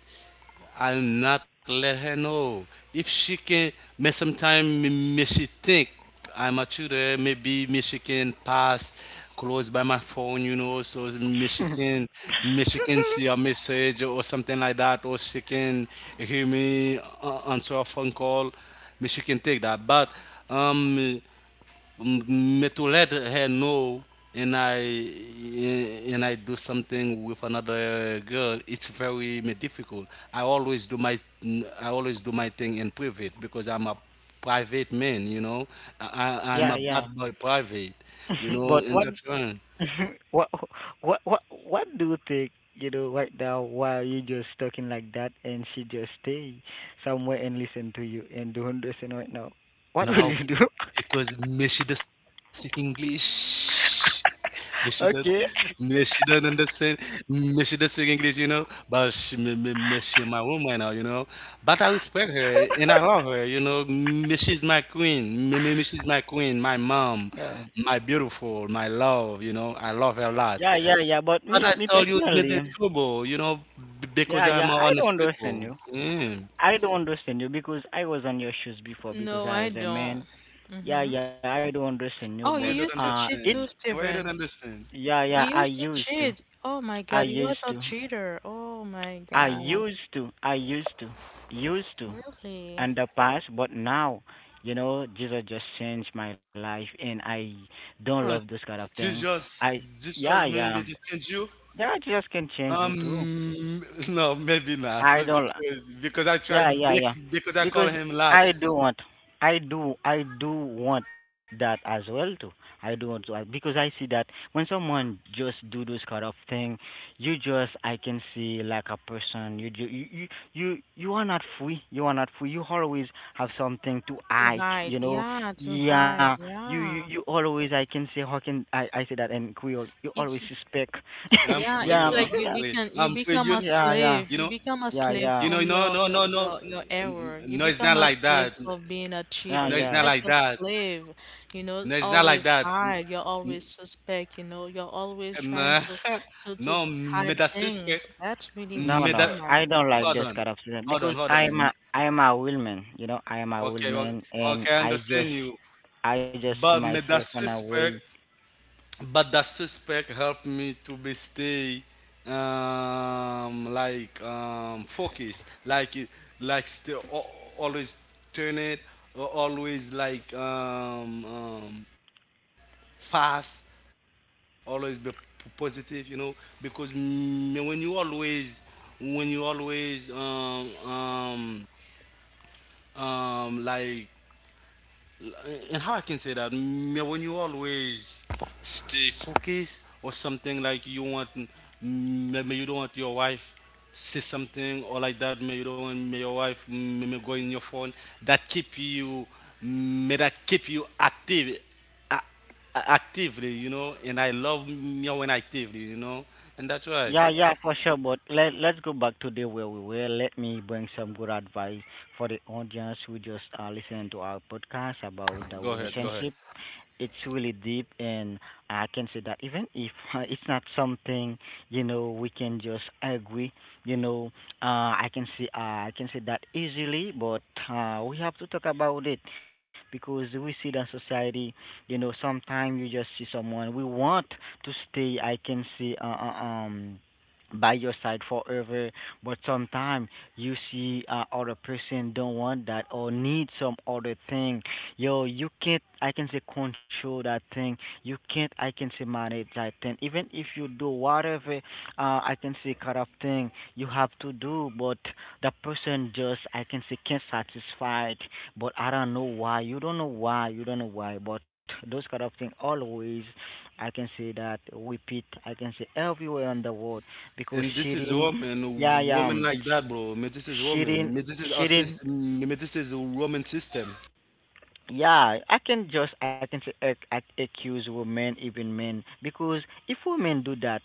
[SPEAKER 2] I'll not let her know. If she can, may sometime may she think I'm a tutor, maybe may she can pass close by my phone, you know, so may she can see a message or something like that, or she can hear me answer a phone call. May she can take that. But um, me to let her know and I and I do something with another girl, it's very me difficult. I always do my I always do my thing in private because I'm a private man, you know.
[SPEAKER 3] Yeah,
[SPEAKER 2] I'm a
[SPEAKER 3] yeah.
[SPEAKER 2] bad boy private, you know,
[SPEAKER 3] But
[SPEAKER 2] and
[SPEAKER 3] what
[SPEAKER 2] that's fine.
[SPEAKER 3] what what do you think, you know, right now? Why you just talking like that and she just stay somewhere and listen to you and don't understand right now what will
[SPEAKER 2] No,
[SPEAKER 3] you do?
[SPEAKER 2] because Miss she does speak English. Miss she does,
[SPEAKER 3] Okay.
[SPEAKER 2] Miss she doesn't understand. Miss she does speak English, you know. But she, me, she my woman now, you know. But I respect her and I love her, you know. Miss she's my queen. Me, she's my queen, my mom,
[SPEAKER 3] yeah
[SPEAKER 2] my beautiful, my love, you know. I love her a
[SPEAKER 3] yeah
[SPEAKER 2] lot.
[SPEAKER 3] yeah yeah but
[SPEAKER 2] But
[SPEAKER 3] me
[SPEAKER 2] I
[SPEAKER 3] me
[SPEAKER 2] told you me
[SPEAKER 3] personally.
[SPEAKER 2] the trouble, you know, because
[SPEAKER 3] yeah
[SPEAKER 2] I'm an
[SPEAKER 3] yeah I don't
[SPEAKER 2] honest
[SPEAKER 3] understand
[SPEAKER 2] people.
[SPEAKER 3] you.
[SPEAKER 2] Mm.
[SPEAKER 3] I don't understand you, because I was on your shoes before, because
[SPEAKER 1] No,
[SPEAKER 3] I
[SPEAKER 1] I
[SPEAKER 3] was a man.
[SPEAKER 1] don't.
[SPEAKER 3] yeah
[SPEAKER 1] Mm-hmm.
[SPEAKER 3] yeah I don't understand you, but
[SPEAKER 1] Oh, you
[SPEAKER 2] You don't
[SPEAKER 1] used to
[SPEAKER 3] it's,
[SPEAKER 1] cheat
[SPEAKER 2] understand.
[SPEAKER 1] too,
[SPEAKER 2] Why you don't
[SPEAKER 1] Steven.
[SPEAKER 2] understand?
[SPEAKER 3] yeah,
[SPEAKER 1] You
[SPEAKER 3] I
[SPEAKER 1] used to
[SPEAKER 3] used to,
[SPEAKER 1] cheat. Oh my
[SPEAKER 3] i
[SPEAKER 1] God, you was
[SPEAKER 3] used
[SPEAKER 1] a
[SPEAKER 3] to
[SPEAKER 1] cheater. Oh my
[SPEAKER 3] I
[SPEAKER 1] God,
[SPEAKER 3] used to, I used to, used to
[SPEAKER 1] really?
[SPEAKER 3] in the past. But now, you know, Jesus just changed my life, and I don't love
[SPEAKER 2] Ah,
[SPEAKER 3] this kind of thing.
[SPEAKER 2] Jesus,
[SPEAKER 3] I,
[SPEAKER 2] Jesus
[SPEAKER 3] yeah,
[SPEAKER 2] maybe
[SPEAKER 3] yeah,
[SPEAKER 2] to change you.
[SPEAKER 3] yeah, Jesus can change you too.
[SPEAKER 2] Um, no, maybe not
[SPEAKER 3] I don't.
[SPEAKER 2] because because I try
[SPEAKER 3] Yeah, yeah, yeah.
[SPEAKER 2] because I call
[SPEAKER 3] Because
[SPEAKER 2] him
[SPEAKER 3] I
[SPEAKER 2] lots.
[SPEAKER 3] do want, I do want that as well too. I do want to, because I see that when someone just do those kind of thing, you just, I can see like a person, you, ju- you are not free. You are not free. You always have something to
[SPEAKER 1] To
[SPEAKER 3] hide,
[SPEAKER 1] hide,
[SPEAKER 3] you know.
[SPEAKER 1] yeah, to
[SPEAKER 3] Yeah,
[SPEAKER 1] hide,
[SPEAKER 3] you, you,
[SPEAKER 1] yeah.
[SPEAKER 3] you always, I can say, I say that in Creole? You always
[SPEAKER 1] It's
[SPEAKER 3] suspect.
[SPEAKER 2] I'm free though.
[SPEAKER 1] yeah,
[SPEAKER 2] I'm
[SPEAKER 3] yeah,
[SPEAKER 1] it's like
[SPEAKER 2] free. I'm free.
[SPEAKER 1] you
[SPEAKER 2] You,
[SPEAKER 1] become a
[SPEAKER 3] yeah,
[SPEAKER 2] you know,
[SPEAKER 3] yeah,
[SPEAKER 1] slave. You become a
[SPEAKER 3] yeah,
[SPEAKER 1] slave
[SPEAKER 3] yeah,
[SPEAKER 2] no,
[SPEAKER 1] from
[SPEAKER 2] no, no, no,
[SPEAKER 1] your error.
[SPEAKER 2] no. It's
[SPEAKER 1] You
[SPEAKER 2] not
[SPEAKER 1] become
[SPEAKER 2] like
[SPEAKER 1] a
[SPEAKER 2] that.
[SPEAKER 1] slave for being a
[SPEAKER 2] No,
[SPEAKER 3] yeah,
[SPEAKER 2] it's
[SPEAKER 1] cheater.
[SPEAKER 2] not
[SPEAKER 1] It's
[SPEAKER 2] like
[SPEAKER 3] yeah.
[SPEAKER 1] like you're
[SPEAKER 2] that.
[SPEAKER 1] slave, you
[SPEAKER 2] No,
[SPEAKER 1] know,
[SPEAKER 2] it's not like
[SPEAKER 1] always
[SPEAKER 2] that.
[SPEAKER 1] hide. You're always suspect, you know. You're always trying
[SPEAKER 2] Nah.
[SPEAKER 1] to
[SPEAKER 2] No, me
[SPEAKER 1] hide
[SPEAKER 2] that suspect.
[SPEAKER 1] things. That's really
[SPEAKER 3] No,
[SPEAKER 2] Me
[SPEAKER 3] no,
[SPEAKER 2] that.
[SPEAKER 1] oh
[SPEAKER 3] I
[SPEAKER 1] my
[SPEAKER 3] don't
[SPEAKER 1] God.
[SPEAKER 3] like this
[SPEAKER 2] Hold on,
[SPEAKER 3] kind of student,
[SPEAKER 2] hold
[SPEAKER 3] because
[SPEAKER 2] on, hold on.
[SPEAKER 3] I'm a woman, you know. I am a
[SPEAKER 2] Okay,
[SPEAKER 3] woman, and
[SPEAKER 2] okay, I understand you,
[SPEAKER 3] I just see
[SPEAKER 2] but me
[SPEAKER 3] myself
[SPEAKER 2] that
[SPEAKER 3] in a way.
[SPEAKER 2] suspect. But that suspect helped me to be stay like focused, like still always turn it, always like fast, always be positive, you know, because mm, when you always um, like and how I can say that me when you always stay focused or something like you want maybe you don't want your wife say something or like that maybe you don't want may your wife maybe go in your phone that keep you may that keep you active a- actively you know and I love me when actively you know and that's right
[SPEAKER 3] Yeah, yeah, for sure. But let's go back to the where we were. Let me bring some good advice for the audience who just are listening to our podcast about the
[SPEAKER 2] go ahead go ahead.
[SPEAKER 3] relationship. It's really deep, and I can say that, even if it's not something, you know, we can just agree, you know, I can see, I can say that easily. But we have to talk about it, because we see that society, you know, sometimes you just see someone we want to stay. I can see, um, by your side forever. But sometimes you see, other person don't want that or need some other thing. Yo, you can't, I can say, control that thing. You can't, I can say, manage that thing, even if you do whatever, I can say, kind of thing you have to do. But the person just, I can say, can't satisfy it. But I don't know why, you don't know why. But those kind of thing always, I can say, that repeat. I can say everywhere in the world because
[SPEAKER 2] And this
[SPEAKER 3] she
[SPEAKER 2] is
[SPEAKER 3] didn't. Yeah,
[SPEAKER 2] woman,
[SPEAKER 3] yeah.
[SPEAKER 2] woman like
[SPEAKER 3] She,
[SPEAKER 2] that, bro. Me, this is
[SPEAKER 3] she
[SPEAKER 2] woman.
[SPEAKER 3] didn't.
[SPEAKER 2] Me, this is our
[SPEAKER 3] She didn't.
[SPEAKER 2] system. Me, this is a woman system.
[SPEAKER 3] Yeah, I can just I can say accuse women, even men, because if women do that,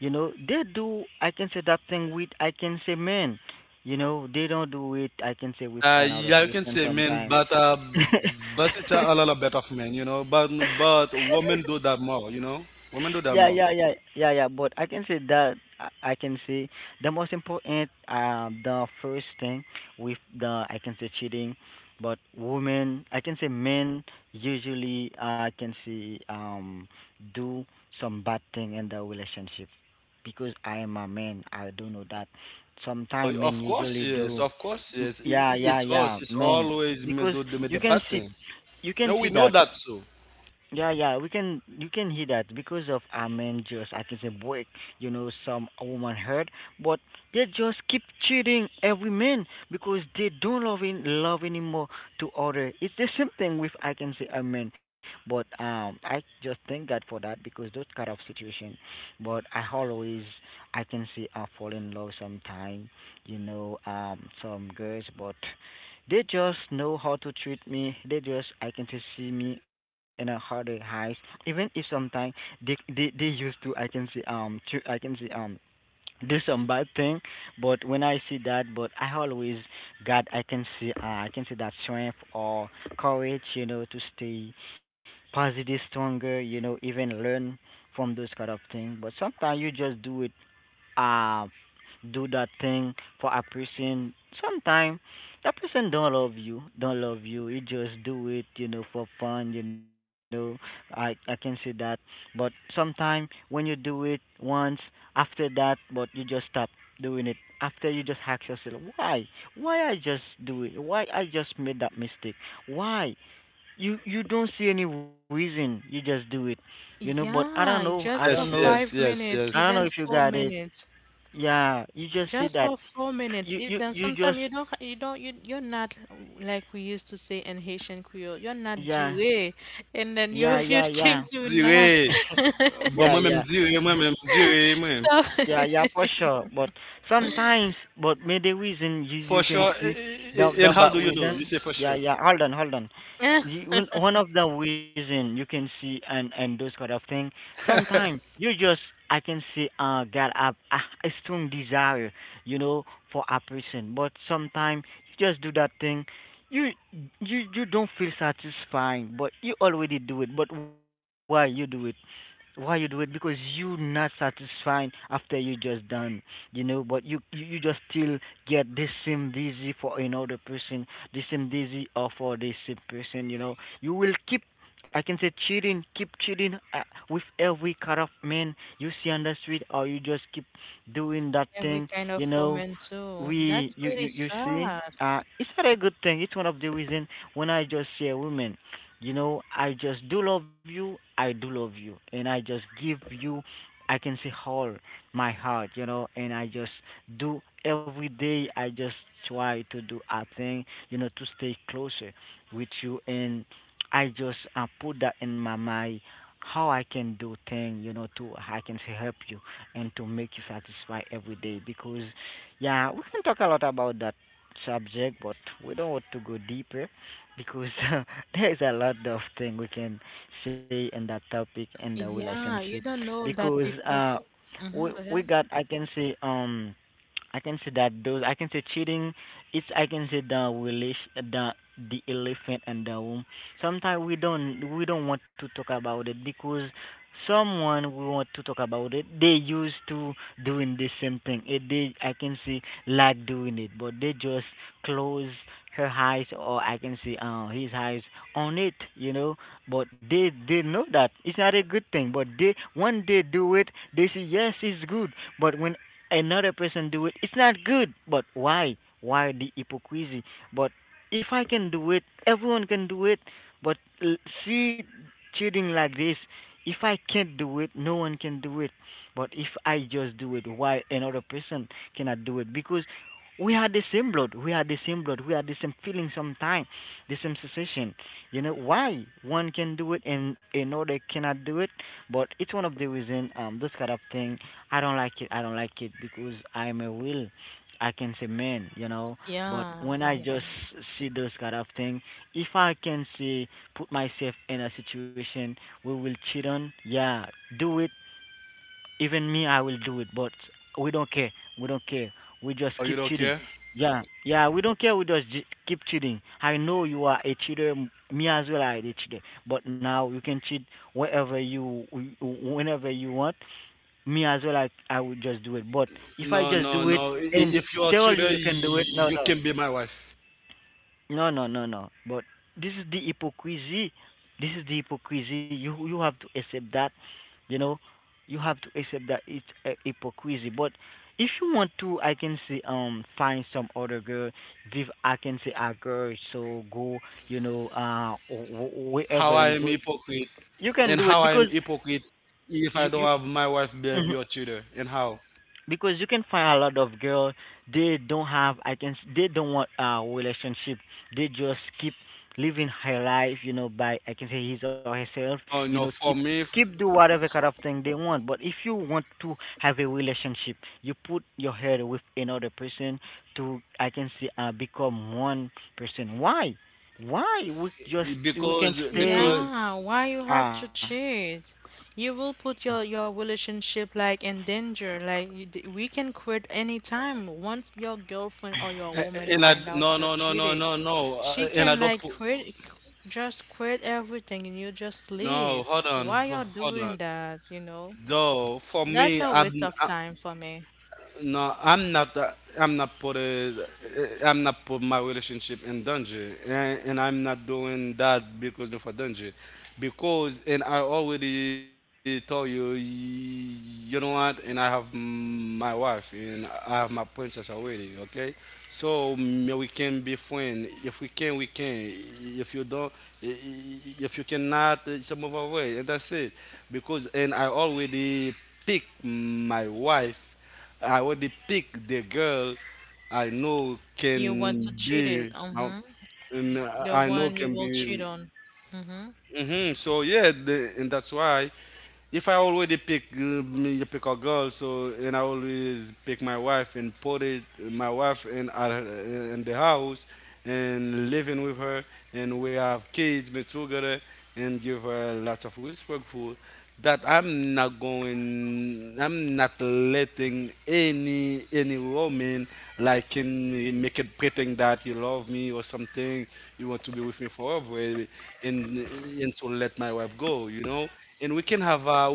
[SPEAKER 3] you know, they do. I can say that thing with, I can say, men. You know, they don't do it, I can say, with another
[SPEAKER 2] Yeah, you can
[SPEAKER 3] person
[SPEAKER 2] say men,
[SPEAKER 3] sometimes.
[SPEAKER 2] but it's a lot better of men, you know. But women do that more, you know. Women do that more.
[SPEAKER 3] Yeah, yeah, yeah, yeah, yeah. But I can say that I can say the most important, the first thing with the, I can say, cheating. But women, I can say men usually, I can say, do some bad thing in the relationship, because I am a man. I do know that sometimes
[SPEAKER 2] Of
[SPEAKER 3] men
[SPEAKER 2] course,
[SPEAKER 3] usually
[SPEAKER 2] yes.
[SPEAKER 3] do.
[SPEAKER 2] Of course, yes.
[SPEAKER 3] Yeah, yeah,
[SPEAKER 2] It's us.
[SPEAKER 3] yeah,
[SPEAKER 2] It's
[SPEAKER 3] men,
[SPEAKER 2] always me
[SPEAKER 3] because
[SPEAKER 2] do the me
[SPEAKER 3] you
[SPEAKER 2] the
[SPEAKER 3] can
[SPEAKER 2] bad
[SPEAKER 3] see,
[SPEAKER 2] thing.
[SPEAKER 3] you can
[SPEAKER 2] And
[SPEAKER 3] see
[SPEAKER 2] we know
[SPEAKER 3] that.
[SPEAKER 2] that too.
[SPEAKER 3] Yeah, yeah, we can, you can hear that because of Amen, just, I can say, boy, you know, some woman hurt, but they just keep cheating every man, because they don't love in love anymore to other. It's the same thing with, I can say, a man. But I just thank God for that, because those kind of situation. But I always, I can say, I fall in love sometime, you know, some girls, but they just know how to treat me. They just, I can just see me, and how they hide. Even if sometimes they used to, I can see, to I can see, do some bad thing. But when I see that, but I always God, I can see, I can see that strength or courage, you know, to stay positive, stronger, you know, even learn from those kind of things. But sometimes you just do it, uh, do that thing for a person. Sometimes that person don't love you, don't love you. You just do it, you know, for fun. You know, I can see that. But sometimes when you do it once, after that, but you just stop doing it. After, you just ask yourself, why? Why I just do it? Why I just made that mistake? Why? You don't see any reason. You just do it, you know. But I don't
[SPEAKER 2] Yes,
[SPEAKER 1] Yeah,
[SPEAKER 3] know.
[SPEAKER 2] yes,
[SPEAKER 3] I
[SPEAKER 1] just
[SPEAKER 3] don't
[SPEAKER 2] yes,
[SPEAKER 1] for
[SPEAKER 3] know.
[SPEAKER 2] yes.
[SPEAKER 1] 5 minutes,
[SPEAKER 3] I don't know
[SPEAKER 1] even
[SPEAKER 3] if you
[SPEAKER 1] four
[SPEAKER 3] got it.
[SPEAKER 1] minutes.
[SPEAKER 3] Yeah, you just see
[SPEAKER 1] Just
[SPEAKER 3] that.
[SPEAKER 1] for 4 minutes.
[SPEAKER 3] You
[SPEAKER 1] It,
[SPEAKER 3] you
[SPEAKER 1] then
[SPEAKER 3] you
[SPEAKER 1] sometimes
[SPEAKER 3] just
[SPEAKER 1] you don't, you're not like we used to say in Haitian Creole. You're not
[SPEAKER 3] yeah
[SPEAKER 1] doué, and then
[SPEAKER 3] yeah
[SPEAKER 1] you
[SPEAKER 3] yeah
[SPEAKER 1] you
[SPEAKER 3] yeah.
[SPEAKER 1] came to laugh.
[SPEAKER 2] Dire. But
[SPEAKER 3] yeah, yeah.
[SPEAKER 2] moi-même dire, moi-même dire, moi-même.
[SPEAKER 1] So,
[SPEAKER 3] Yeah, yeah, for sure. But sometimes, but maybe reason
[SPEAKER 2] For
[SPEAKER 3] you can
[SPEAKER 2] sure.
[SPEAKER 3] see the
[SPEAKER 2] And how
[SPEAKER 3] bad
[SPEAKER 2] do you know? You
[SPEAKER 3] reason.
[SPEAKER 2] say for
[SPEAKER 3] Yeah,
[SPEAKER 2] sure.
[SPEAKER 3] yeah. Hold on, hold on.
[SPEAKER 1] eh,
[SPEAKER 3] You, one of the reason you can see, and those kind of thing. Sometimes you just I can see, got a, a strong desire, you know, for a person. But sometimes you just do that thing. You you don't feel satisfied, but you already do it. But why you do it? Why you do it? Because you not satisfied after you just done, you know. But you just still get the same dizzy for another person, the same dizzy or for the same person, you know. You will keep, I can say, cheating, keep cheating, with every kind of man you see on the street. Or you just keep doing that
[SPEAKER 1] every
[SPEAKER 3] thing,
[SPEAKER 1] kind
[SPEAKER 3] you
[SPEAKER 1] of
[SPEAKER 3] know.
[SPEAKER 1] woman too.
[SPEAKER 3] We
[SPEAKER 1] That's
[SPEAKER 3] You,
[SPEAKER 1] really
[SPEAKER 3] you see,
[SPEAKER 1] sad.
[SPEAKER 3] it's not a good thing. It's one of the reason when I just see a woman, you know, I just do love you. I do love you. And I just give you, I can say, all my heart, you know. And I just do every day. I just try to do a thing, you know, to stay closer with you. And I just put that in my mind how I can do thing, you know, to, I can say, help you and to make you satisfied every day. Because, yeah, we can talk a lot about that subject, but we don't want to go deeper, because there is a lot of thing we can say in that topic in the
[SPEAKER 1] Yeah,
[SPEAKER 3] relationship.
[SPEAKER 1] you don't know that
[SPEAKER 3] Because
[SPEAKER 1] people.
[SPEAKER 3] we
[SPEAKER 1] Mm-hmm, go
[SPEAKER 3] we
[SPEAKER 1] ahead.
[SPEAKER 3] got, I can say, I can say that those, I can say, cheating, it's, I can say, the relation the elephant in the room. Sometimes we don't want to talk about it, because someone we want to talk about it, they used to doing the same thing. It, they, I can say, like doing it, but they just close her eyes, or I can see, his eyes on it, you know. But they know that it's not a good thing. But they, when they do it, they say yes, it's good. But when another person do it, it's not good. But why? Why the hypocrisy? But if I can do it, everyone can do it. But l- See cheating like this, if I can't do it, no one can do it. But if I just do it, why another person cannot do it? Because we had the same blood, we had the same blood, we had the same feeling. Sometimes the same sensation. You know why one can do it and another cannot do it? But it's one of the reason, this kind of thing I don't like it. I don't like it, because I'm a will, I can say, man, you know. But when
[SPEAKER 1] Yeah,
[SPEAKER 3] I just
[SPEAKER 1] yeah.
[SPEAKER 3] see those kind of thing, if I can say, put myself in a situation, we will cheat on, yeah, do it. Even me, I will do it. But we don't care. We don't care. We just
[SPEAKER 2] Oh,
[SPEAKER 3] keep
[SPEAKER 2] you don't
[SPEAKER 3] cheating.
[SPEAKER 2] care?
[SPEAKER 3] Yeah, yeah, we don't care. We just keep cheating. I know you are a cheater. Me as well, I a cheater. But now you can cheat wherever you, whenever you want. Me as well, I would just do it. But if I
[SPEAKER 2] No,
[SPEAKER 3] just
[SPEAKER 2] no,
[SPEAKER 3] do it
[SPEAKER 2] no.
[SPEAKER 3] and
[SPEAKER 2] If you are
[SPEAKER 3] tell you
[SPEAKER 2] Tudor,
[SPEAKER 3] you can do it, no,
[SPEAKER 2] you
[SPEAKER 3] no.
[SPEAKER 2] can be my wife.
[SPEAKER 3] No, no, no, no. But this is the hypocrisy. This is the hypocrisy. You have to accept that. You know, you have to accept that it's a hypocrisy. But if you want to, I can say, find some other girl. Give, I can say, a girl. So go. You know,
[SPEAKER 2] How
[SPEAKER 3] wherever
[SPEAKER 2] I
[SPEAKER 3] you
[SPEAKER 2] am
[SPEAKER 3] go,
[SPEAKER 2] hypocrite,
[SPEAKER 3] you can do
[SPEAKER 2] and
[SPEAKER 3] it,
[SPEAKER 2] how I
[SPEAKER 3] because
[SPEAKER 2] am hypocrite if I don't
[SPEAKER 3] you.
[SPEAKER 2] have my wife
[SPEAKER 3] Mm-hmm.
[SPEAKER 2] be a Tudor, and how?
[SPEAKER 3] Because you can find a lot of girl, they don't have I can s- they don't want a relationship. They just keep living her life, you know, by, I can say, his or herself,
[SPEAKER 2] Oh
[SPEAKER 3] you
[SPEAKER 2] no,
[SPEAKER 3] know. Keep,
[SPEAKER 2] for me,
[SPEAKER 3] keep do whatever kind
[SPEAKER 2] for,
[SPEAKER 3] of thing they want. But if you want to have a relationship, you put your head with another person to, I can say, become one person. Why we just we can
[SPEAKER 2] because
[SPEAKER 3] stay,
[SPEAKER 1] Yeah, why you have
[SPEAKER 3] uh
[SPEAKER 1] to cheat? You will put your relationship like in danger. Like we can quit anytime. Once your girlfriend or your
[SPEAKER 2] and
[SPEAKER 1] woman
[SPEAKER 2] I
[SPEAKER 1] find
[SPEAKER 2] no
[SPEAKER 1] out
[SPEAKER 2] no
[SPEAKER 1] you're
[SPEAKER 2] no no no
[SPEAKER 1] cheating,
[SPEAKER 2] no,
[SPEAKER 1] she
[SPEAKER 2] and I
[SPEAKER 1] can
[SPEAKER 2] don't. Put,
[SPEAKER 1] like quit, c- just quit everything and you just
[SPEAKER 2] no,
[SPEAKER 1] leave.
[SPEAKER 2] hold on,
[SPEAKER 1] Why you're
[SPEAKER 2] hold on.
[SPEAKER 1] doing that, you know?
[SPEAKER 2] No, for
[SPEAKER 1] That's
[SPEAKER 2] me,
[SPEAKER 1] a waste of
[SPEAKER 2] I am
[SPEAKER 1] time for me.
[SPEAKER 2] no, I'm not. I'm not put a, I'm not put my relationship in danger, and I'm not doing that because of a danger, because and I already told you, you know what, and I have my wife and I have my princess already. Okay, so we can be friends. If we can, we can. If you don't, if you cannot, it's a move away, and that's it. Because and I already pick my wife. I already pick the girl I know
[SPEAKER 1] You want
[SPEAKER 2] can
[SPEAKER 1] to cheat
[SPEAKER 2] be
[SPEAKER 1] it.
[SPEAKER 2] now,
[SPEAKER 1] Mm-hmm.
[SPEAKER 2] and
[SPEAKER 1] The
[SPEAKER 2] I know
[SPEAKER 1] one you
[SPEAKER 2] can
[SPEAKER 1] will cheat
[SPEAKER 2] be.
[SPEAKER 1] on. Mm-hmm.
[SPEAKER 2] So yeah, the, and that's why if I already pick me you pick a girl, so and I always pick my wife and put it my wife in at, in the house and living with her, and we have kids be together and give her lots of respect food that I'm not going, I'm not letting any woman like can make it pretend that you love me or something, you want to be with me forever, and and to let my wife go, you know. And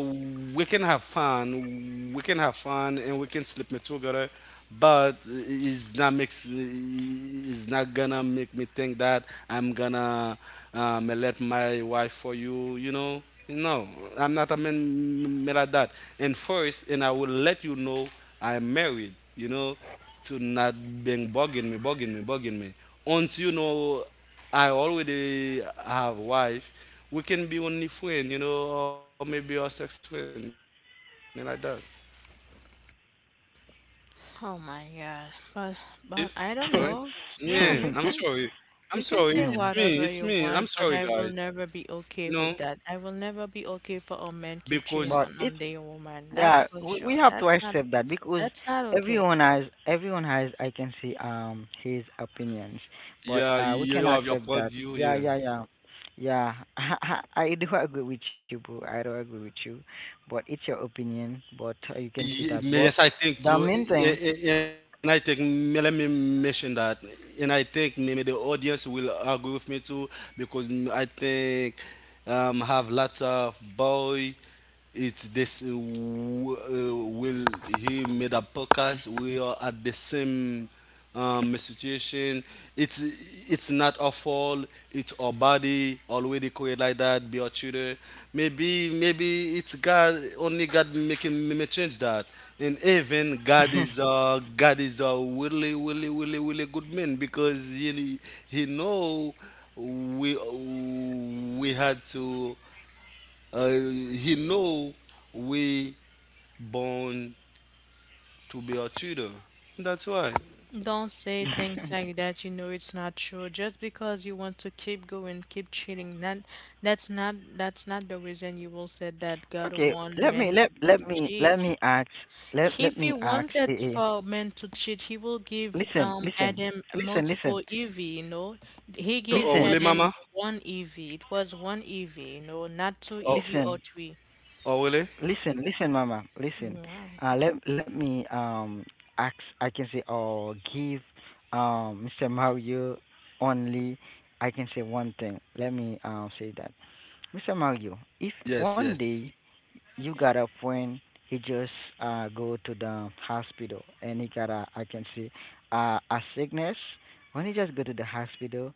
[SPEAKER 2] we can have fun, we can have fun, and we can sleep together, but it's not makes it's not gonna make me think that I'm gonna let my wife for you, you know. No, I'm not a man made at that. And first, and I will let you know I'm married, you know, to not being bugging me. Until you know I already have wife, we can be only friend, you know, or maybe a sex friend, and like that.
[SPEAKER 1] Oh my God.
[SPEAKER 2] If you know,
[SPEAKER 1] But I don't know.
[SPEAKER 2] yeah, I'm
[SPEAKER 1] Yeah,
[SPEAKER 2] sorry. I'm sorry.
[SPEAKER 1] you
[SPEAKER 2] It's
[SPEAKER 1] can
[SPEAKER 2] me.
[SPEAKER 1] say
[SPEAKER 2] It's
[SPEAKER 3] Mhm.
[SPEAKER 2] me.
[SPEAKER 1] whatever
[SPEAKER 2] I'm
[SPEAKER 1] you
[SPEAKER 2] sorry,
[SPEAKER 1] want,
[SPEAKER 2] guys.
[SPEAKER 1] but I will never be
[SPEAKER 2] You know,
[SPEAKER 1] okay with that. I will never be okay for a man keep
[SPEAKER 2] because
[SPEAKER 1] cheating
[SPEAKER 3] But
[SPEAKER 1] on
[SPEAKER 3] it's
[SPEAKER 1] the woman. That's
[SPEAKER 3] yeah,
[SPEAKER 1] for sure.
[SPEAKER 3] we have to accept that, because
[SPEAKER 1] That's not okay.
[SPEAKER 3] everyone has, I can see, his opinions. But
[SPEAKER 2] yeah,
[SPEAKER 3] we
[SPEAKER 2] you
[SPEAKER 3] can
[SPEAKER 2] have your
[SPEAKER 3] accept
[SPEAKER 2] point of
[SPEAKER 3] that.
[SPEAKER 2] view.
[SPEAKER 3] Yeah,
[SPEAKER 2] Yeah.
[SPEAKER 3] yeah, yeah, yeah. I do agree with you, bro. I do agree with you, but it's your opinion. But you can see
[SPEAKER 2] Ye-
[SPEAKER 3] that. But
[SPEAKER 2] Yes, I think
[SPEAKER 3] the
[SPEAKER 2] too,
[SPEAKER 3] main thing.
[SPEAKER 2] and I think may- let me mention that, and I think maybe the audience will agree with me too because I think have lots of boy. It's this w- will he made a podcast. We are at the same situation. It's it's not our fault. It's our body already created like that. Be our children. Maybe it's God only God making me change that. And even God is a really good man because he know we we had to he know we born to be our children. That's why.
[SPEAKER 1] Don't say things like that. You know it's not true. Just because you want to keep going, keep cheating, that's not the reason you will say that God
[SPEAKER 3] Okay,
[SPEAKER 1] want men to cheat.
[SPEAKER 3] let me ask let
[SPEAKER 1] If
[SPEAKER 3] let
[SPEAKER 1] he
[SPEAKER 3] me ask.
[SPEAKER 1] wanted
[SPEAKER 3] Eh.
[SPEAKER 1] for man to cheat, he will give
[SPEAKER 3] Listen,
[SPEAKER 1] Adam
[SPEAKER 3] listen,
[SPEAKER 1] multiple
[SPEAKER 3] listen,
[SPEAKER 1] EV, you know. He give
[SPEAKER 2] Oh, really,
[SPEAKER 3] listen,
[SPEAKER 2] Mama?
[SPEAKER 1] Adam one EV. It was one EV, you know, not two
[SPEAKER 2] Oh,
[SPEAKER 1] EV
[SPEAKER 3] listen.
[SPEAKER 1] or three.
[SPEAKER 2] oh, really?
[SPEAKER 3] listen, Mama. Listen.
[SPEAKER 1] Yeah.
[SPEAKER 3] Let me ask. I can say or give Mr. Mario only. I can say one thing. Let me say that, Mr. Mario. If
[SPEAKER 2] Yes,
[SPEAKER 3] one day
[SPEAKER 2] yes.
[SPEAKER 3] you got a friend, he just go to the hospital and he got a I can say a sickness. When he just go to the hospital,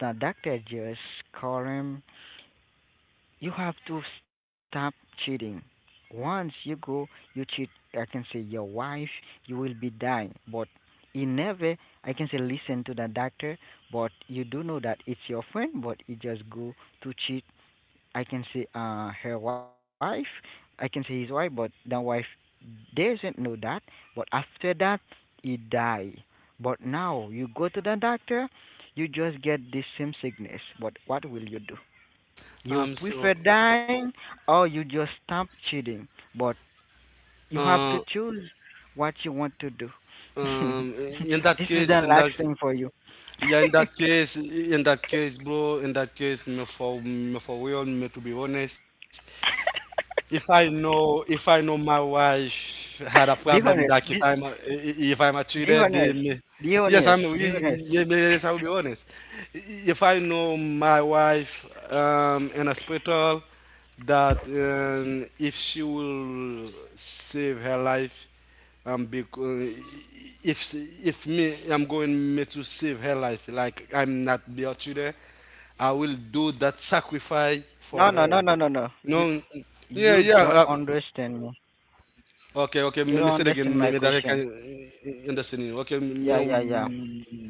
[SPEAKER 3] the doctor just call him you have to stop cheating. Once you go, you cheat. I can say your wife, you will be dying. But in never, I can say listen to the doctor. But you do know that it's your friend, but you just go to cheat. I can say her wife. I can say his wife, but the wife doesn't know that. But after that, he die. But now you go to the doctor, you just get the same sickness. But what will you do? You
[SPEAKER 2] Um, so,
[SPEAKER 3] prefer dying or you just stop cheating, but you have to
[SPEAKER 2] uh,
[SPEAKER 3] choose what you want to do.
[SPEAKER 2] in that
[SPEAKER 3] This is
[SPEAKER 2] case,
[SPEAKER 3] the
[SPEAKER 2] in
[SPEAKER 3] last
[SPEAKER 2] that,
[SPEAKER 3] thing for you.
[SPEAKER 2] yeah, in that case, bro, in that case, me for, me for real, me to be honest, if I know, if I know my wife had a
[SPEAKER 3] Be
[SPEAKER 2] problem, that
[SPEAKER 3] honest.
[SPEAKER 2] if I'm a, if I'm a cheater,
[SPEAKER 3] Be
[SPEAKER 2] they
[SPEAKER 3] honest.
[SPEAKER 2] may,
[SPEAKER 3] Be
[SPEAKER 2] yes, I'm.
[SPEAKER 3] honest. Be
[SPEAKER 2] We-
[SPEAKER 3] honest.
[SPEAKER 2] may- Yes, I will be honest. If I know my wife in a hospital, that if she will save her life, because if she- if me, I'm going me to save her life, like I'm not be a cheater, I will do that sacrifice for
[SPEAKER 3] No, no,
[SPEAKER 2] her.
[SPEAKER 3] no, no, no, no.
[SPEAKER 2] You
[SPEAKER 3] You
[SPEAKER 2] know,
[SPEAKER 3] you
[SPEAKER 2] yeah, yeah.
[SPEAKER 3] don't understand me.
[SPEAKER 2] Okay, okay. Me, me say it again.
[SPEAKER 3] You don't
[SPEAKER 2] Me, me that I
[SPEAKER 3] understand my
[SPEAKER 2] can
[SPEAKER 3] question.
[SPEAKER 2] understand you. Okay, me, me,
[SPEAKER 3] Yeah, yeah, yeah.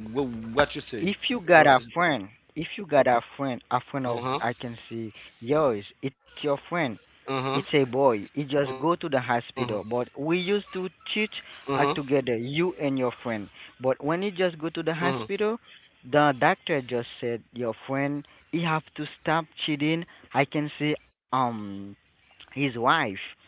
[SPEAKER 2] wh- what you say?
[SPEAKER 3] if you got
[SPEAKER 2] What
[SPEAKER 3] a
[SPEAKER 2] you say?
[SPEAKER 3] friend, If you got a friend
[SPEAKER 2] Uh
[SPEAKER 3] of
[SPEAKER 2] huh.
[SPEAKER 3] I can see yours, it's your friend.
[SPEAKER 2] Uh
[SPEAKER 3] It's
[SPEAKER 2] huh.
[SPEAKER 3] a boy. He just
[SPEAKER 2] Uh
[SPEAKER 3] go
[SPEAKER 2] huh.
[SPEAKER 3] to the hospital. But we used to
[SPEAKER 2] Uh huh.
[SPEAKER 3] cheat together, you and your friend. But when he just
[SPEAKER 2] Uh
[SPEAKER 3] go
[SPEAKER 2] huh.
[SPEAKER 3] to the hospital, the doctor just said your friend he have to stop cheating. I can see his wife.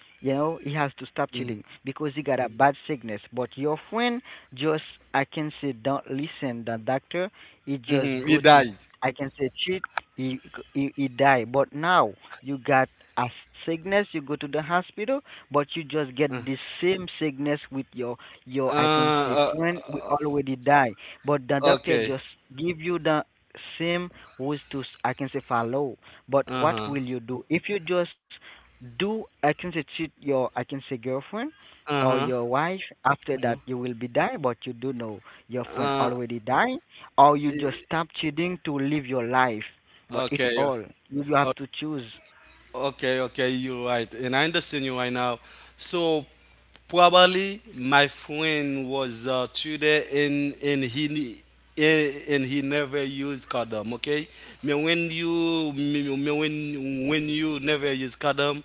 [SPEAKER 3] You know, he has to stop cheating
[SPEAKER 2] Mm
[SPEAKER 3] because he got a bad sickness. But your friend just I can say don't listen the doctor he just
[SPEAKER 2] hmm. He
[SPEAKER 3] go to
[SPEAKER 2] die.
[SPEAKER 3] I can say cheat. He he die. But now you got a sickness. You go to the hospital, but you
[SPEAKER 2] Uh,
[SPEAKER 3] just get the same sickness with your I can
[SPEAKER 2] uh.
[SPEAKER 3] say friend. We already die. But the
[SPEAKER 2] Okay.
[SPEAKER 3] doctor just give you the same rules to I can say follow. But
[SPEAKER 2] Uh
[SPEAKER 3] what
[SPEAKER 2] huh.
[SPEAKER 3] will you do if you just do I can say cheat your I can say girlfriend
[SPEAKER 2] Uh
[SPEAKER 3] or
[SPEAKER 2] huh.
[SPEAKER 3] your wife after that
[SPEAKER 2] Huh.
[SPEAKER 3] you will be die but you do know your friend
[SPEAKER 2] Uh.
[SPEAKER 3] already die or you just stop
[SPEAKER 2] E-
[SPEAKER 3] cheating to live your life. But it's
[SPEAKER 2] Okay.
[SPEAKER 3] all you. You have to choose.
[SPEAKER 2] Okay, okay, you're right. And I understand you right now. So probably my friend was today and he ne- and he never used condom, okay? Me when you me, me when you never use condom,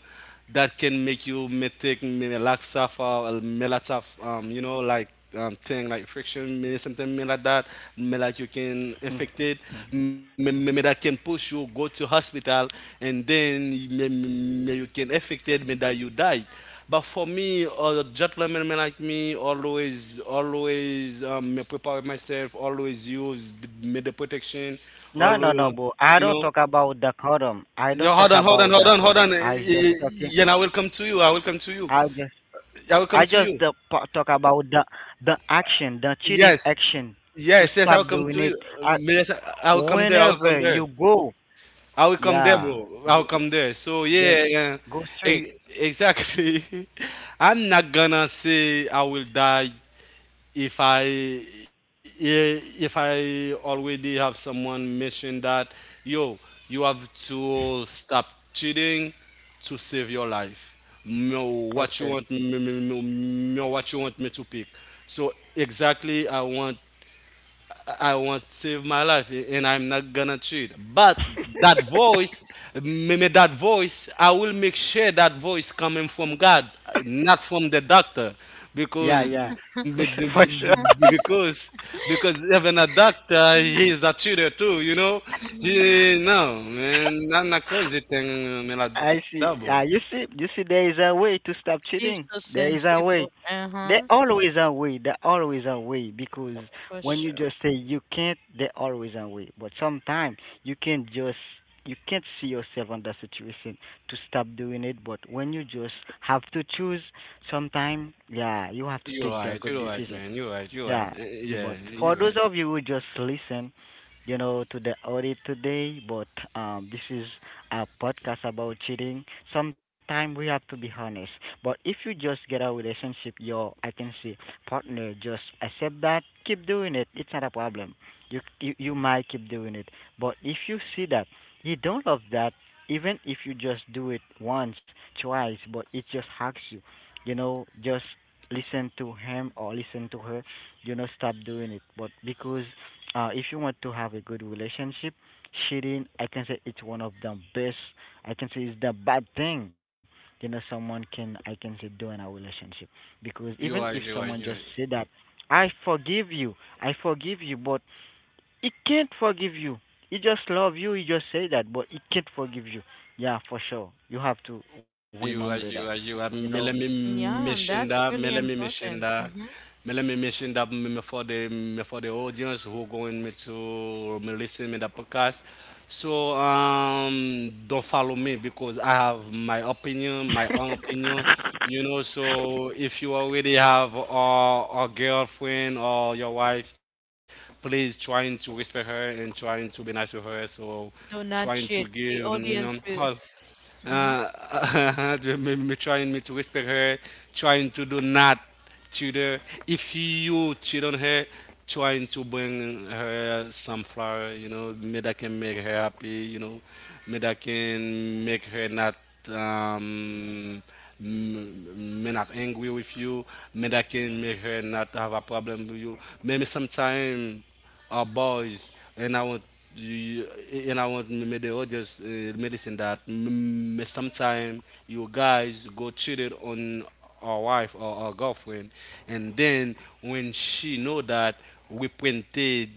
[SPEAKER 2] that can make you method melatonin or melatonin, you know, like thing like friction, may- something may like that, may like you
[SPEAKER 3] Hmm.
[SPEAKER 2] can infect it, may that can push you go to hospital, and then may you can infect it, may that you die. But for me, or gentlemen men like me, always, always me prepare myself, always use me the protection,
[SPEAKER 3] No, no, no,
[SPEAKER 2] always,
[SPEAKER 3] bro. I
[SPEAKER 2] you
[SPEAKER 3] don't
[SPEAKER 2] know.
[SPEAKER 3] talk about the quorum. I
[SPEAKER 2] Yo,
[SPEAKER 3] don't talk about the
[SPEAKER 2] hold on.
[SPEAKER 3] quorum. I just talking.
[SPEAKER 2] Yeah, I will come to you. I will come to you.
[SPEAKER 3] I just.
[SPEAKER 2] I will come
[SPEAKER 3] I
[SPEAKER 2] to
[SPEAKER 3] just
[SPEAKER 2] you.
[SPEAKER 3] the, pa- talk about the action, the cheating
[SPEAKER 2] Yes,
[SPEAKER 3] action, to
[SPEAKER 2] yes, yes. I
[SPEAKER 3] stop
[SPEAKER 2] will come
[SPEAKER 3] doing
[SPEAKER 2] to
[SPEAKER 3] it.
[SPEAKER 2] you.
[SPEAKER 3] I,
[SPEAKER 2] Yes, I will come there. I will come
[SPEAKER 3] whenever
[SPEAKER 2] there.
[SPEAKER 3] you go,
[SPEAKER 2] I will come there,
[SPEAKER 3] yeah,
[SPEAKER 2] bro. I will
[SPEAKER 3] go,
[SPEAKER 2] come there. So
[SPEAKER 3] just
[SPEAKER 2] yeah, yeah.
[SPEAKER 3] go straight.
[SPEAKER 2] E- exactly. I'm not gonna say I will die if I yeah, if I already have someone mention that, yo, you have to stop cheating to save your life. No, what you
[SPEAKER 3] Okay.
[SPEAKER 2] want me, what you want me to pick. So exactly, I want to save my life and I'm not gonna cheat. But that voice, may that voice, I will make sure that voice coming from God, not from the doctor,
[SPEAKER 3] Yeah,
[SPEAKER 2] because
[SPEAKER 3] yeah, for sure.
[SPEAKER 2] because because even a doctor he is a cheater too, you know.
[SPEAKER 1] Mm-hmm.
[SPEAKER 2] He, no man, not not crazy thing, man. A
[SPEAKER 3] I
[SPEAKER 2] double.
[SPEAKER 3] see. Yeah, you see, there is a way to stop
[SPEAKER 1] He's
[SPEAKER 3] cheating.
[SPEAKER 1] so
[SPEAKER 3] There is a way.
[SPEAKER 1] sensible.
[SPEAKER 3] There
[SPEAKER 1] Uh-huh.
[SPEAKER 3] always a way. There always a way because
[SPEAKER 1] For
[SPEAKER 3] when you
[SPEAKER 1] sure.
[SPEAKER 3] just say you can't, there always a way. But sometimes you can just you can't see yourself on that situation to stop doing it. But when you just have to choose, sometimes yeah, you have to
[SPEAKER 2] You're
[SPEAKER 3] take the
[SPEAKER 2] right.
[SPEAKER 3] good
[SPEAKER 2] You're right,
[SPEAKER 3] decision.
[SPEAKER 2] man. You're right. You're right.
[SPEAKER 3] Yeah,
[SPEAKER 2] Eh,
[SPEAKER 3] yeah,
[SPEAKER 2] yeah,
[SPEAKER 3] but for
[SPEAKER 2] you're
[SPEAKER 3] those
[SPEAKER 2] right.
[SPEAKER 3] of you who just listen, you know, to the audit today, but this is a podcast about cheating. Sometimes we have to be honest. But if you just get a relationship, your I can say partner just accept that, keep doing it. It's not a problem. You might keep doing it, but if you see that you don't love that, even if you just do it once, twice, but it just hurts you, you know, just listen to him or listen to her, you know, stop doing it but because if you want to have a good relationship cheating I can say it's one of the best I can say it's the bad thing you know someone can I can say do in our relationship because
[SPEAKER 2] You're right.
[SPEAKER 3] even
[SPEAKER 2] You're
[SPEAKER 3] if
[SPEAKER 2] right. You're right.
[SPEAKER 3] someone just say that i forgive you I forgive you but he can't forgive you he just love you he just say that but he can't forgive you yeah for sure you have to remember
[SPEAKER 2] Ayu,
[SPEAKER 3] that
[SPEAKER 2] ayu,
[SPEAKER 3] you
[SPEAKER 2] ayu, a
[SPEAKER 3] know
[SPEAKER 2] melemi
[SPEAKER 1] Yeah, and
[SPEAKER 2] mishinda,
[SPEAKER 1] that's really important. Mm-hmm.
[SPEAKER 2] melemi mishinda me for the audience who going me to me listen me the podcast. So don't follow me because I have my opinion, my own opinion. You know, so if you already have a girlfriend or your wife, please trying to respect her and trying to be nice with her. So
[SPEAKER 1] Do
[SPEAKER 2] trying
[SPEAKER 1] not
[SPEAKER 2] to
[SPEAKER 1] cheat.
[SPEAKER 2] give,
[SPEAKER 1] The
[SPEAKER 2] you know,
[SPEAKER 1] audience
[SPEAKER 2] her
[SPEAKER 1] will. Mhm.
[SPEAKER 2] uh, me, me trying me to whisper her, trying to do not cheat her. If you cheat on her, trying to bring her some flower, you know, me that can make her happy, you know, me that can make her not um me not angry with you, me that can make her not have a problem with you. Maybe sometime our boys, and I want you, and I want me the audience medicine that m- sometimes you guys go cheated on our wife or our girlfriend, and then when she know that we printed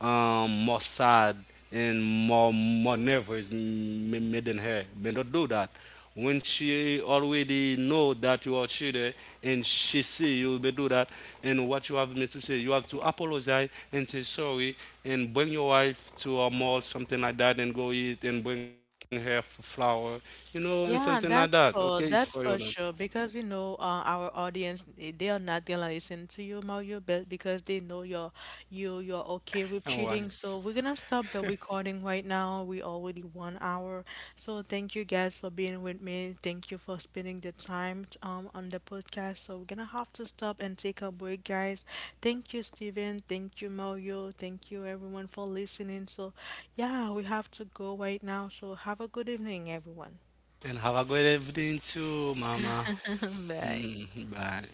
[SPEAKER 2] more sad and more nervous m- made than her. But don't do that. When she already know that you are cheater and she see you, but do that. And what you have me to say, you have to apologize and say sorry and bring your wife to a mall, something like that, and go eat and bring her f- flower, you know, and something like
[SPEAKER 1] Yeah,
[SPEAKER 2] that. Okay, it's for you now.
[SPEAKER 1] that's for sure because we know our audience they are not gonna listen to you, Mario, but because they know you you're okay with
[SPEAKER 2] And why?
[SPEAKER 1] cheating. So we're gonna stop the recording right now. We already 1 hour. So thank you guys for being with me. Thank you for spending the time on the podcast. So we're gonna have to stop and take a break, guys. Thank you, Steven. Thank you, Mario. Thank you everyone for listening. So yeah, we have to go right now. So have a good evening, everyone.
[SPEAKER 2] And have a good evening too, Mama.
[SPEAKER 1] Bye.
[SPEAKER 2] Bye.